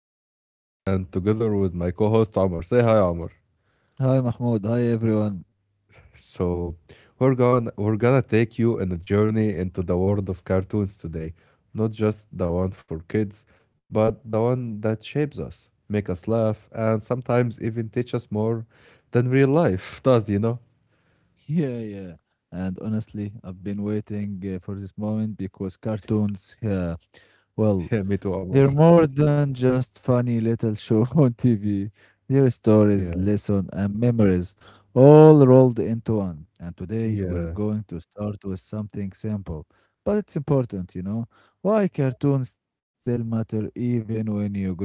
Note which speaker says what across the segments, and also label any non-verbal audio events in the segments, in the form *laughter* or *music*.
Speaker 1: I'm Mahmoud, and together with my co-host Omar. Say hi, Omar.
Speaker 2: Hi Mahmoud, hi everyone.
Speaker 1: So we're gonna take you on a journey into the world of cartoons today, not just the one for kids, but the one that shapes us, make us laugh, and sometimes even teach us more than real life *laughs* does. You know?
Speaker 2: Yeah, yeah. And honestly, I've been waiting for this moment because cartoons, yeah,
Speaker 1: *laughs* Yeah,
Speaker 2: well,
Speaker 1: me too, Omar.
Speaker 2: they're more than just funny little show *laughs* on TV. They're stories,
Speaker 1: Yeah,
Speaker 2: lessons, and memories all rolled into one. And today we're
Speaker 1: yeah,
Speaker 2: going to start with something simple, but it's important. Why cartoons still matter even when you grow up?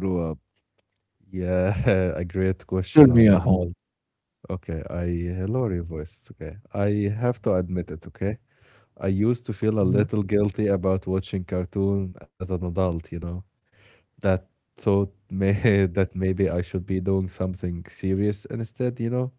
Speaker 1: yeah. *laughs* A great
Speaker 2: Tell
Speaker 1: question,
Speaker 2: me,
Speaker 1: Omar.
Speaker 2: Mahmoud.
Speaker 1: Well. Okay, I lower your voice. It's okay. I have to admit it, okay? I used to feel a
Speaker 2: Mhm.
Speaker 1: little guilty about watching cartoon as an adult. That thought may *laughs* That maybe I should be doing something serious instead.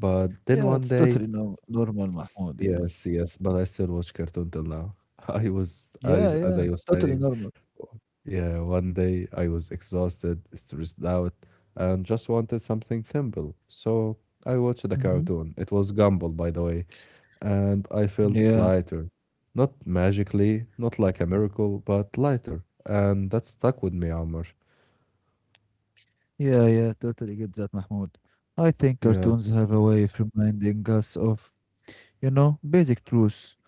Speaker 1: But then
Speaker 2: Yeah,
Speaker 1: one
Speaker 2: it's
Speaker 1: day.
Speaker 2: totally no normal, Mahmoud. Yeah.
Speaker 1: Yes, yes, but I still watch cartoon till now. *laughs* I was, as
Speaker 2: Yeah,
Speaker 1: as
Speaker 2: yeah,
Speaker 1: I
Speaker 2: it's
Speaker 1: was
Speaker 2: totally
Speaker 1: saying,
Speaker 2: normal.
Speaker 1: yeah, one day I was exhausted, stressed out, and just wanted something simple. So I watched the
Speaker 2: Mhm.
Speaker 1: cartoon. It was Gumball, by the way, and I felt
Speaker 2: Yeah,
Speaker 1: lighter. Not magically, not like a miracle, but lighter. And that stuck with me, Amr.
Speaker 2: yeah, yeah, totally get that, Mahmoud. I think
Speaker 1: Yeah,
Speaker 2: cartoons have a way of reminding us of, you know, basic truths.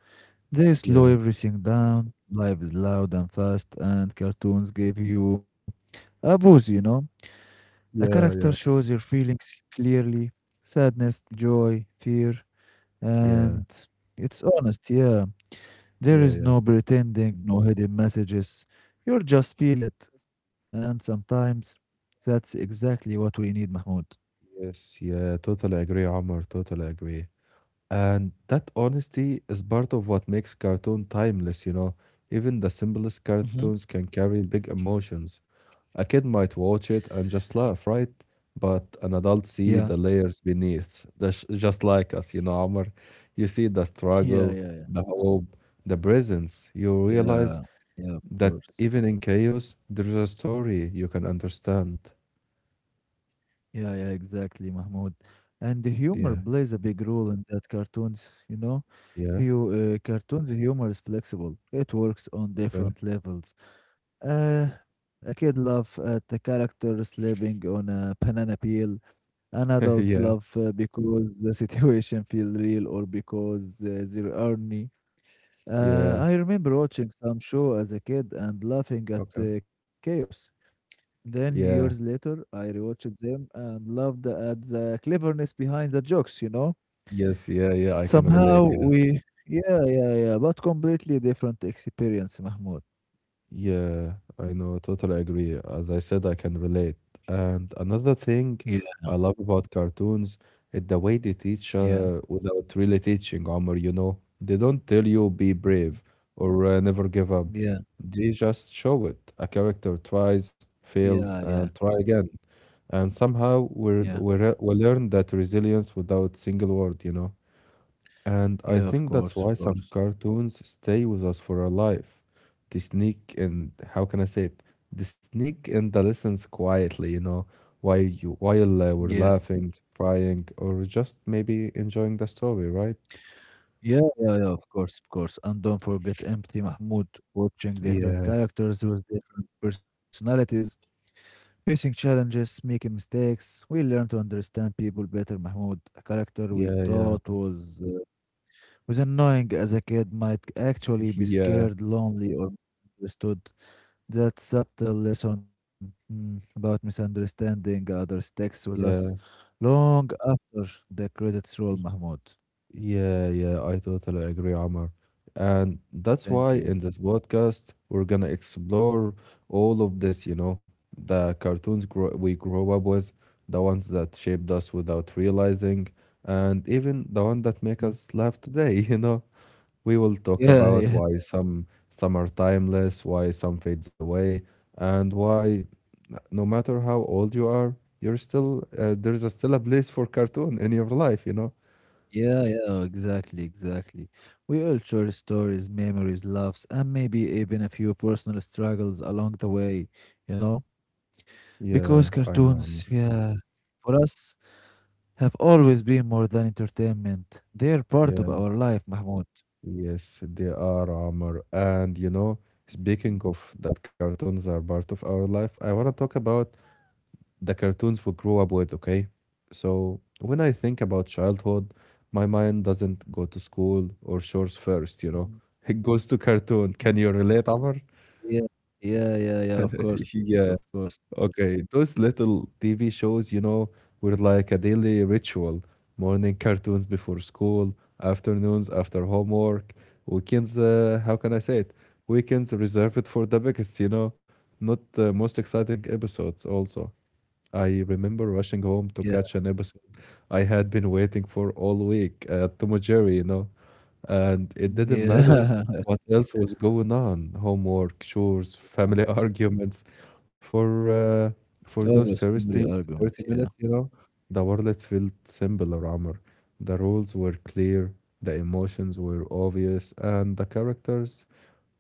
Speaker 2: They slow
Speaker 1: yeah,
Speaker 2: everything down, life is loud and fast, and cartoons give you a boost? A
Speaker 1: yeah,
Speaker 2: character
Speaker 1: yeah,
Speaker 2: shows your feelings clearly, sadness, joy, fear,
Speaker 1: yeah,
Speaker 2: and it's honest, yeah. There
Speaker 1: yeah,
Speaker 2: is
Speaker 1: yeah.
Speaker 2: no pretending, no hidden messages. You just feel it. And sometimes that's exactly what we need, Mahmoud.
Speaker 1: Yes, yeah, totally agree, Amr, totally agree. And that honesty is part of what makes cartoon timeless. Even the simplest
Speaker 2: Hmm.
Speaker 1: cartoons can carry big emotions. A kid might watch it and just laugh, right? But an adult see
Speaker 2: Yeah.
Speaker 1: the layers beneath, just like us, Amr. You see the
Speaker 2: Yeah,
Speaker 1: struggle,
Speaker 2: yeah, yeah,
Speaker 1: the hope, the presence. You realize
Speaker 2: yeah, yeah, of
Speaker 1: that
Speaker 2: course.
Speaker 1: even in chaos, there's a story you can understand.
Speaker 2: Yeah, yeah, exactly, Mahmoud. And the humor
Speaker 1: Yeah,
Speaker 2: plays a big role in that cartoons, you know?
Speaker 1: yeah,
Speaker 2: You, cartoons humor is flexible. It works on
Speaker 1: okay.
Speaker 2: different levels. A kid laugh at the character slipping on a banana peel. An
Speaker 1: *laughs*
Speaker 2: adult
Speaker 1: yeah,
Speaker 2: love because the *laughs* situation feel real or because they're earning.
Speaker 1: yeah,
Speaker 2: I remember watching some show as a kid and laughing at
Speaker 1: okay.
Speaker 2: chaos. Then years
Speaker 1: Yeah.
Speaker 2: later, I rewatched them and loved at the cleverness behind the jokes. You know,
Speaker 1: Yes, yeah, yeah, I can
Speaker 2: somehow
Speaker 1: relate, yeah.
Speaker 2: we, yeah, yeah, yeah, but completely different experience, Mahmoud.
Speaker 1: Yeah, I know, totally agree. As I said, I can relate. And another
Speaker 2: Yeah,
Speaker 1: thing I love about cartoons is the way they teach
Speaker 2: yeah,
Speaker 1: without really teaching, Omar. They don't tell you be
Speaker 2: mhm,
Speaker 1: brave or never give up.
Speaker 2: yeah,
Speaker 1: They just show it. A character tries,
Speaker 2: yeah,
Speaker 1: fails,
Speaker 2: yeah,
Speaker 1: and try again. And somehow
Speaker 2: yeah,
Speaker 1: we learn that resilience without single word. And I
Speaker 2: yeah. Of
Speaker 1: think that's
Speaker 2: course, of
Speaker 1: why some
Speaker 2: course.
Speaker 1: cartoons stay with us for our life. They sneak and how can I say it? They sneak in the lessons quietly, while
Speaker 2: Yeah.
Speaker 1: we're laughing, crying, or just maybe enjoying the story, right?
Speaker 2: Yeah, yeah, yeah, of course, of course. And don't forget Empty Mahmoud, watching different
Speaker 1: Yeah,
Speaker 2: characters with different personalities, facing challenges, making mistakes. We learn to understand people better. Mahmoud, a character we
Speaker 1: yeah, yeah,
Speaker 2: thought was annoying as a kid, might actually
Speaker 1: *laughs*
Speaker 2: be
Speaker 1: yeah,
Speaker 2: scared, lonely, or misunderstood. That subtle lesson, mm, about misunderstanding others sticks with us
Speaker 1: yeah,
Speaker 2: long after the credits roll, Mahmoud.
Speaker 1: Yeah, yeah, I totally agree, Omar. And that's
Speaker 2: Thank
Speaker 1: why
Speaker 2: you.
Speaker 1: in this podcast, we're gonna explore all of this, the cartoons grow we grow up with, the ones that shaped us without realizing, and even the one that make
Speaker 2: Mm.
Speaker 1: us laugh today, *laughs*. We will talk
Speaker 2: Yeah, *laughs*
Speaker 1: about
Speaker 2: yeah.
Speaker 1: why some are timeless, why some fades away, and why no matter how old you are, you're still there is a still a place for cartoon in your life.
Speaker 2: Yeah, yeah, exactly, exactly. We all share stories, memories, laughs, and maybe even a few personal struggles along the way, you know? Because
Speaker 1: Yeah, I know,
Speaker 2: cartoons,
Speaker 1: Amr.
Speaker 2: yeah, for us, have always been more than entertainment. They are part of
Speaker 1: Yeah,
Speaker 2: our life, Mahmoud.
Speaker 1: yes, they are, Amr. And speaking of that cartoons are part of our life, I want to talk about the cartoons we grew up with, okay? So, when I think about childhood, my mind doesn't go to school or chores first.
Speaker 2: Mhm.
Speaker 1: It goes to cartoon. Can you relate, Amr?
Speaker 2: Yeah, yeah, yeah, yeah, of
Speaker 1: *laughs*
Speaker 2: course, of
Speaker 1: Yeah,
Speaker 2: course, of course.
Speaker 1: okay, those little TV shows, were like a daily ritual. Morning cartoons before school, afternoons after homework, weekends, how can I say it? Weekends reserved for the biggest, not the most exciting episodes also. I remember rushing
Speaker 2: Yeah,
Speaker 1: home to catch an episode I had been waiting for all week, Tom and Jerry. And it didn't matter
Speaker 2: yeah. *laughs*
Speaker 1: what else was going on, homework, chores, family *laughs* arguments. For uh, for
Speaker 2: Always
Speaker 1: those
Speaker 2: family
Speaker 1: thirty
Speaker 2: arguments,
Speaker 1: thirty
Speaker 2: yeah.
Speaker 1: minutes, the world felt simpler, Amr. The rules were clear, the emotions were obvious, and the characters,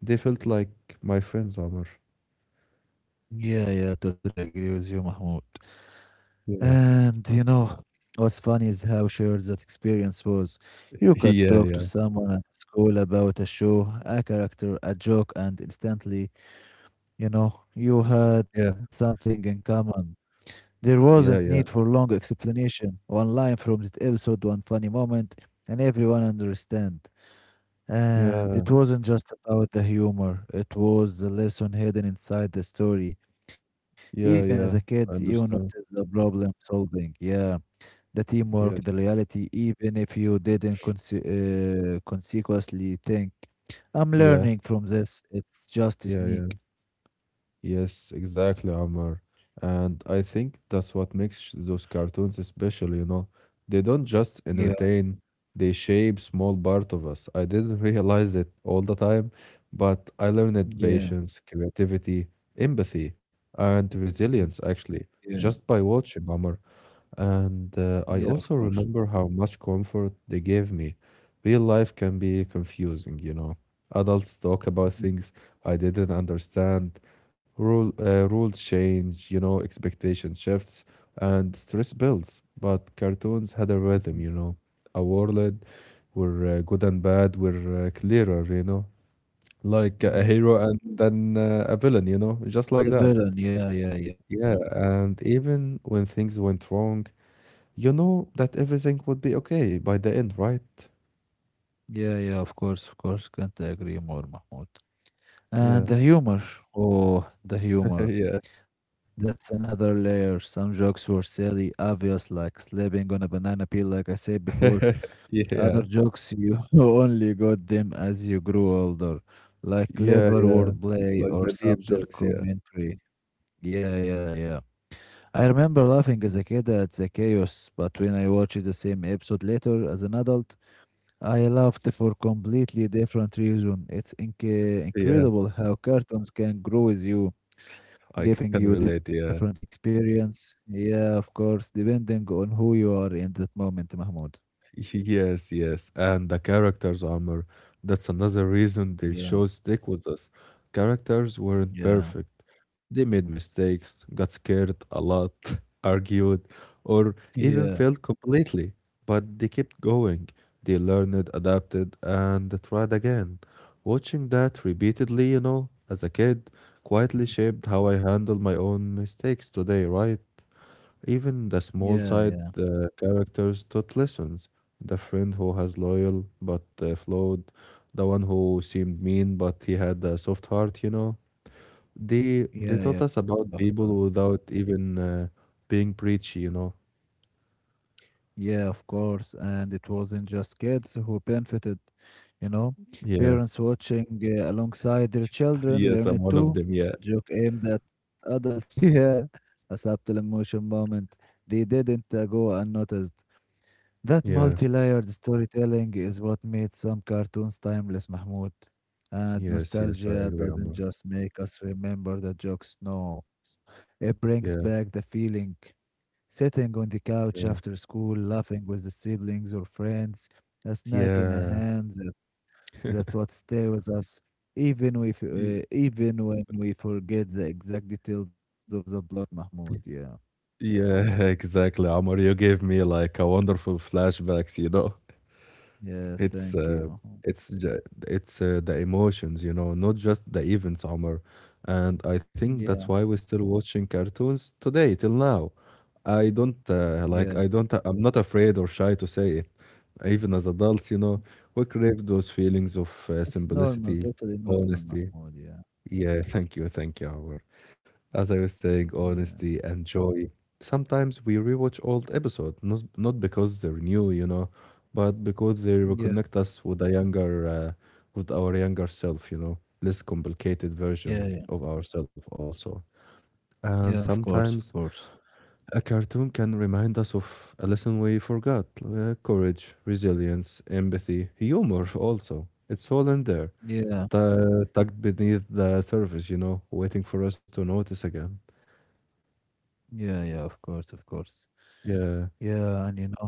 Speaker 1: they felt like my friends, Amr.
Speaker 2: Yeah, yeah, totally agree with you, Mahmoud.
Speaker 1: Yeah.
Speaker 2: And you know, what's funny is how shared that experience was. You
Speaker 1: *laughs*
Speaker 2: could
Speaker 1: Yeah,
Speaker 2: talk to
Speaker 1: yeah.
Speaker 2: someone at school about a show, a character, a joke, and instantly, you know, you had
Speaker 1: Yeah.
Speaker 2: something in common. There wasn't
Speaker 1: Yeah,
Speaker 2: need for
Speaker 1: yeah.
Speaker 2: long explanation. One line from that episode, one funny moment, and everyone understand. And
Speaker 1: Yeah,
Speaker 2: it wasn't just about the humor, it was the lesson hidden inside the story. Even as
Speaker 1: yeah,
Speaker 2: a
Speaker 1: yeah.
Speaker 2: kid, you
Speaker 1: I
Speaker 2: noticed the
Speaker 1: understand.
Speaker 2: problem solving. Yeah, the teamwork, the
Speaker 1: Yes.
Speaker 2: loyalty, even if you didn't consequently think, I'm
Speaker 1: Yeah,
Speaker 2: learning from this. It's just a
Speaker 1: yeah,
Speaker 2: sneak.
Speaker 1: yeah. Yes, exactly, Amar. And I think that's what makes those cartoons special. They don't just
Speaker 2: Yeah,
Speaker 1: entertain, they shape small part of us. I didn't *laughs* realize it all the time, but I learned
Speaker 2: yeah,
Speaker 1: patience, creativity, empathy, and
Speaker 2: mhm,
Speaker 1: resilience actually
Speaker 2: yeah,
Speaker 1: just by watching Amar. And
Speaker 2: yeah,
Speaker 1: I
Speaker 2: of
Speaker 1: also
Speaker 2: course.
Speaker 1: remember how much comfort they gave me. Real life can be confusing. Adults talk about
Speaker 2: Mhm,
Speaker 1: things I didn't understand. Rules change, expectation shifts, and stress builds. But cartoons had a
Speaker 2: mhm,
Speaker 1: rhythm, a world where good and bad were clearer, like a
Speaker 2: mm.
Speaker 1: hero and then a villain, just like
Speaker 2: The
Speaker 1: that.
Speaker 2: villain, yeah, yeah, yeah.
Speaker 1: Yeah, and even when things went wrong, you know that everything would be okay by the end, right?
Speaker 2: Yeah, yeah, of course, of course. Can't agree more, Mahmoud. And
Speaker 1: Yeah.
Speaker 2: the humor. Oh, the
Speaker 1: *laughs*
Speaker 2: humor.
Speaker 1: Yeah.
Speaker 2: That's another layer. Some jokes were silly, obvious, like slipping on a banana peel, like I said before.
Speaker 1: *laughs*
Speaker 2: Other
Speaker 1: Yeah.
Speaker 2: jokes you *laughs* only got them as you grew older, like
Speaker 1: Yeah,
Speaker 2: clever
Speaker 1: yeah.
Speaker 2: wordplay
Speaker 1: Like
Speaker 2: or
Speaker 1: the deep
Speaker 2: subtle
Speaker 1: jokes, yeah.
Speaker 2: commentary. Yeah, yeah, yeah. I remember laughing as a kid at the chaos, but when I watched the same episode later as an adult, I laughed for completely different reason.
Speaker 1: Yeah,
Speaker 2: Incredible how cartoons can grow with you,
Speaker 1: I can
Speaker 2: giving you
Speaker 1: relate,
Speaker 2: different
Speaker 1: yeah.
Speaker 2: experience. Yeah, of course, depending on who you are in that moment, Mahmoud.
Speaker 1: *laughs* Yes, yes. And the characters' armor. That's another reason these
Speaker 2: Yeah,
Speaker 1: shows stick with us. Characters weren't
Speaker 2: yeah,
Speaker 1: perfect. They made mistakes, got scared a lot, *laughs* argued, or even
Speaker 2: yeah.
Speaker 1: failed completely. But they kept going. They learned, adapted, and tried again. Watching that repeatedly, as a kid, quietly shaped how I handle my own mistakes today, right? Even the
Speaker 2: Yeah,
Speaker 1: small
Speaker 2: yeah,
Speaker 1: side characters taught lessons. The friend who has loyal but flawed, the one who seemed mean but he had a soft heart. They
Speaker 2: yeah,
Speaker 1: taught
Speaker 2: yeah,
Speaker 1: us about people without even being preachy.
Speaker 2: yeah, of course. And it wasn't just kids who benefited, you know.
Speaker 1: Yeah.
Speaker 2: Parents watching alongside their
Speaker 1: *laughs*
Speaker 2: children
Speaker 1: Yes,
Speaker 2: learn
Speaker 1: I'm
Speaker 2: it
Speaker 1: one of
Speaker 2: too.
Speaker 1: them. Yeah.
Speaker 2: A joke aimed at adults, *laughs* yeah, a subtle emotion moment. They didn't go unnoticed. That
Speaker 1: Yeah.
Speaker 2: multi-layered storytelling is what made some cartoons timeless, Mahmoud. And
Speaker 1: Yes. Yes, I
Speaker 2: nostalgia
Speaker 1: agree,
Speaker 2: doesn't
Speaker 1: Amr.
Speaker 2: just make us remember the jokes, no. It brings back
Speaker 1: Yeah.
Speaker 2: the feeling. Sitting on the couch after
Speaker 1: Yeah.
Speaker 2: school, laughing with the siblings or friends, a snack in a
Speaker 1: Yeah.
Speaker 2: hand, that's what stays with us, even, if,
Speaker 1: Yeah.
Speaker 2: even when we forget the exact details of the plot, Mahmoud. Yeah.
Speaker 1: Yeah, *laughs* exactly, Omar. You gave me like a wonderful flashbacks.
Speaker 2: Yeah,
Speaker 1: It's
Speaker 2: thank
Speaker 1: uh,
Speaker 2: you.
Speaker 1: it's ju- it's the emotions, not just the events, Omar. And I think that's
Speaker 2: Yeah,
Speaker 1: why we're still watching cartoons today till now. I don't
Speaker 2: yeah.
Speaker 1: like I don't I'm not afraid or shy to say it. Even as adults, we crave those feelings of
Speaker 2: It's normal,
Speaker 1: simplicity,
Speaker 2: totally normal,
Speaker 1: honesty.
Speaker 2: Mahmoud. Yeah,
Speaker 1: Yeah, thank you, Omar. As I was saying,
Speaker 2: yeah,
Speaker 1: honesty and joy. Sometimes we rewatch old episodes, not because they're new, but because they
Speaker 2: yeah,
Speaker 1: reconnect us with with our younger self, less complicated
Speaker 2: yeah,
Speaker 1: version
Speaker 2: yeah,
Speaker 1: of ourselves also.
Speaker 2: yeah, of
Speaker 1: And
Speaker 2: course, of
Speaker 1: sometimes
Speaker 2: course.
Speaker 1: a cartoon can remind us of a lesson we forgot, courage, resilience, empathy, humor also. It's all in there,
Speaker 2: Yeah,
Speaker 1: tucked beneath the surface, waiting for us to notice again.
Speaker 2: yeah, yeah, of course, of course.
Speaker 1: Yeah.
Speaker 2: Yeah, and you know,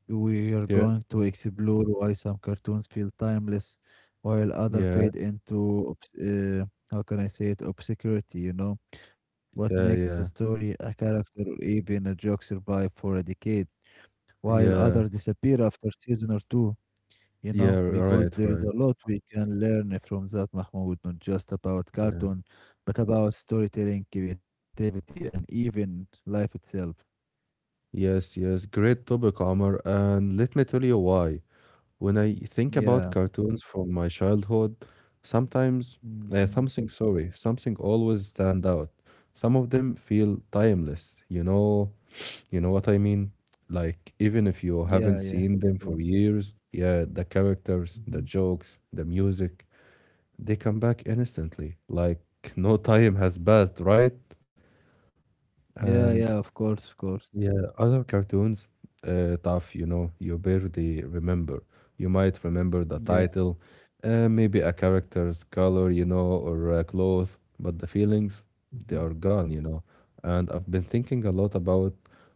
Speaker 2: we are
Speaker 1: Yeah,
Speaker 2: going to explore why some cartoons feel timeless while other
Speaker 1: yeah,
Speaker 2: fade into, how can I say it, obscurity, you know? What makes a
Speaker 1: yeah, yeah,
Speaker 2: story, a character, or even a joke survive for a decade while others
Speaker 1: yeah,
Speaker 2: disappear after season or two, you
Speaker 1: yeah,
Speaker 2: know? Because
Speaker 1: right,
Speaker 2: there is
Speaker 1: right.
Speaker 2: a lot we can learn from that, Mahmoud, not just about
Speaker 1: Yeah,
Speaker 2: cartoon, but about storytelling, creativity, and even life itself.
Speaker 1: yes, yes. Great topic, Omar. And let me tell you why. When I think about
Speaker 2: Yeah.
Speaker 1: cartoons from my childhood, sometimes
Speaker 2: Mhm.
Speaker 1: something, sorry, something always stand out. Some of them feel timeless. You know what I mean? Like even if you
Speaker 2: Yeah,
Speaker 1: haven't
Speaker 2: yeah.
Speaker 1: seen them
Speaker 2: Go
Speaker 1: for
Speaker 2: on.
Speaker 1: years, yeah, the characters, the
Speaker 2: Mm-hmm.
Speaker 1: jokes, the music. They come back instantly, like no time has passed, right?
Speaker 2: Yeah, yeah,
Speaker 1: And
Speaker 2: of course, of course.
Speaker 1: yeah, other cartoons, tough, you barely remember. You might remember the
Speaker 2: Yeah,
Speaker 1: title, maybe a character's color, or a cloth, but the feelings, they
Speaker 2: mhm,
Speaker 1: are gone. And I've been thinking a lot about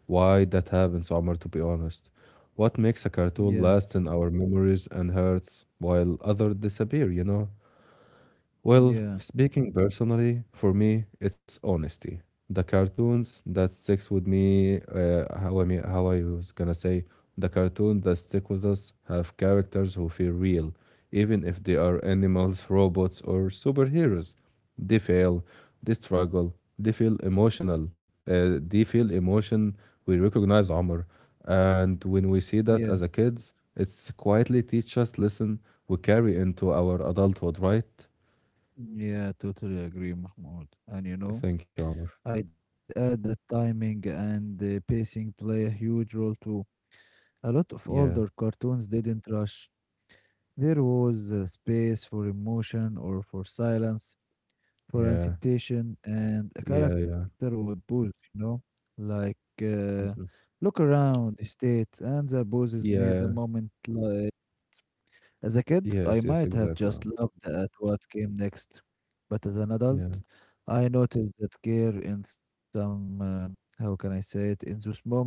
Speaker 1: why that happens, Omar, to be honest. What makes a cartoon
Speaker 2: yeah,
Speaker 1: last in our memories and hearts while others disappear, you know? Well,
Speaker 2: yeah,
Speaker 1: speaking personally, for me, it's honesty. The cartoons that sticks with me, how I mean, how I was gonna say, the cartoon that stick with us have characters who feel real, even if they are animals, *laughs* robots, or superheroes. They fail, they struggle, they feel emotional, they feel emotion. We recognize Omar, and when we see
Speaker 2: yeah,
Speaker 1: that as a kids, it's quietly teach us lesson we carry into our adulthood, right?
Speaker 2: yeah, totally agree, Mahmoud. And you know,
Speaker 1: Thank you, Albert.
Speaker 2: I'd add that timing and pacing play a huge role too. A lot of
Speaker 1: Yeah,
Speaker 2: older cartoons didn't rush. There was space for emotion or for silence, for
Speaker 1: yeah,
Speaker 2: anticipation, and a
Speaker 1: yeah,
Speaker 2: character
Speaker 1: yeah.
Speaker 2: would pause, you know, like uh,
Speaker 1: Mhm.
Speaker 2: look around, hesitate, and the pauses made the
Speaker 1: Yeah,
Speaker 2: moment li. As a kid, I
Speaker 1: yes, yes,
Speaker 2: might have
Speaker 1: exactly.
Speaker 2: just
Speaker 1: Amr.
Speaker 2: laughed at what came next, but as an adult,
Speaker 1: Yeah,
Speaker 2: I noticed that care in how can I say it, in those moments,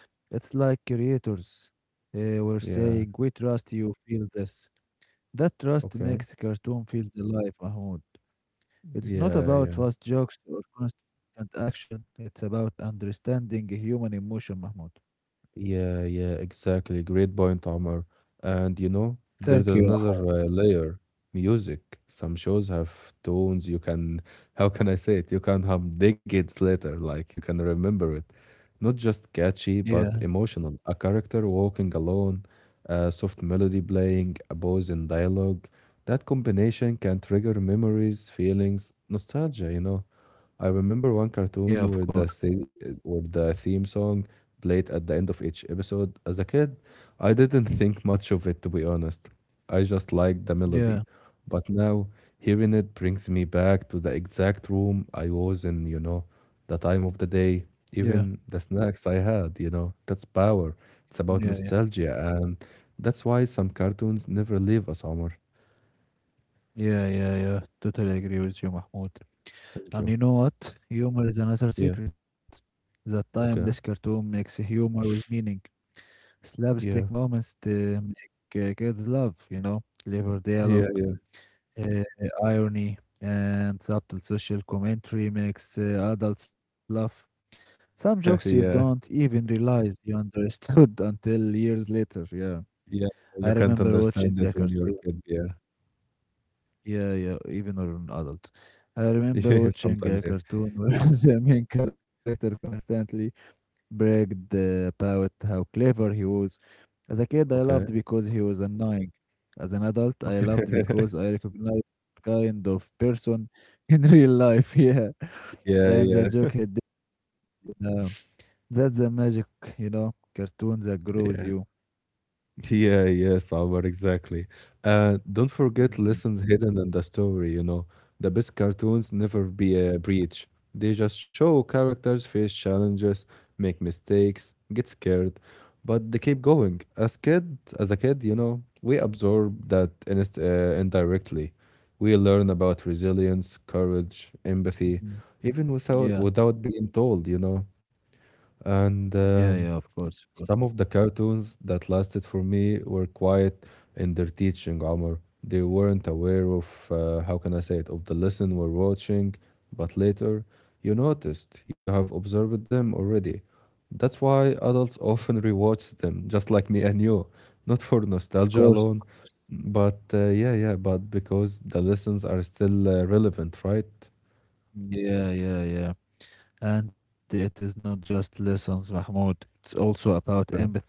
Speaker 2: it's like creators uh, were
Speaker 1: yeah,
Speaker 2: saying, we trust you, feel this. That trust
Speaker 1: okay.
Speaker 2: makes cartoon feels alive, Mahmoud. It's not
Speaker 1: Yeah,
Speaker 2: about
Speaker 1: yeah,
Speaker 2: fast jokes or constant action, it's about understanding human emotion, Mahmoud.
Speaker 1: yeah, yeah, exactly. Great point, Omar. And there's
Speaker 2: Thank you.
Speaker 1: another layer music. Some shows have tones you can how can I say it? You can have decades later, like you can remember it. Not just catchy,
Speaker 2: Yeah,
Speaker 1: but emotional. A character walking alone, a soft melody playing, a pause in dialogue. That combination can trigger memories, feelings, nostalgia. I remember one
Speaker 2: yeah, of
Speaker 1: cartoon
Speaker 2: course.
Speaker 1: where the theme song played at the end of each episode. As a kid, I didn't think much of it to be honest. I just liked the melody.
Speaker 2: Yeah,
Speaker 1: But now, hearing it brings me back to the exact room I was in, the time of the day,
Speaker 2: yeah,
Speaker 1: even the snacks I had. That's power. It's about
Speaker 2: yeah.
Speaker 1: nostalgia, and that's why some cartoons never leave us, Omar.
Speaker 2: Yeah, yeah, yeah. Totally agree with you, Mahmoud.
Speaker 1: Thank
Speaker 2: And
Speaker 1: you.
Speaker 2: you know what? Humor is another
Speaker 1: Yeah.
Speaker 2: secret. The timeless
Speaker 1: Okay.
Speaker 2: cartoon makes humor with meaning. Slapstick
Speaker 1: Yeah.
Speaker 2: moments to make kids laugh, you know, clever
Speaker 1: Yeah.
Speaker 2: dialogue,
Speaker 1: Yeah.
Speaker 2: uh, irony, and subtle social commentary makes adults laugh. Some jokes you
Speaker 1: *laughs*
Speaker 2: don't
Speaker 1: yeah.
Speaker 2: even realize you understood *laughs* until years later. Yeah.
Speaker 1: Yeah.
Speaker 2: I
Speaker 1: You can't
Speaker 2: remember watching
Speaker 1: understand it
Speaker 2: a
Speaker 1: when you're a
Speaker 2: cartoon.
Speaker 1: kid. Yeah.
Speaker 2: Yeah, yeah, even or an adult, I
Speaker 1: *laughs*
Speaker 2: remember
Speaker 1: Yeah.
Speaker 2: watching
Speaker 1: Sometimes.
Speaker 2: a
Speaker 1: Yeah.
Speaker 2: cartoon where *laughs* the main character constantly bragged about how clever he was. As a kid, I loved
Speaker 1: Okay.
Speaker 2: because he was annoying. As an adult, I
Speaker 1: Okay.
Speaker 2: loved because
Speaker 1: *laughs*
Speaker 2: I recognized kind of person *laughs* in real life. *laughs*
Speaker 1: yeah.
Speaker 2: Yeah, and the
Speaker 1: Yeah.
Speaker 2: joke he did, you know, that's the magic, you know, cartoon that grows
Speaker 1: Yeah.
Speaker 2: you.
Speaker 1: *laughs* Yeah, yes, Alvar, exactly. Don't forget
Speaker 2: Mhm,
Speaker 1: lessons hidden in the story. The best cartoons never be a breach. They just show characters face challenges, make mistakes, get scared, but they keep going. As a kid, we absorb that inst indirectly. We learn about resilience, courage, empathy,
Speaker 2: mhm.
Speaker 1: even without
Speaker 2: Yeah,
Speaker 1: without being told, you know. And
Speaker 2: yeah, yeah, of course, of course.
Speaker 1: Some of the cartoons that lasted for me were quiet in their teaching, Omar. They weren't aware of, how can I say it, of the lesson we're watching, but later you noticed, you have observed them already. That's why adults often rewatch them, just like me and you. Not for
Speaker 2: Of
Speaker 1: nostalgia
Speaker 2: course.
Speaker 1: alone, but but because the lessons are still relevant, right?
Speaker 2: Yeah, yeah, yeah. And it is not just lessons, Mahmoud. It's also about
Speaker 1: Okay.
Speaker 2: empathy.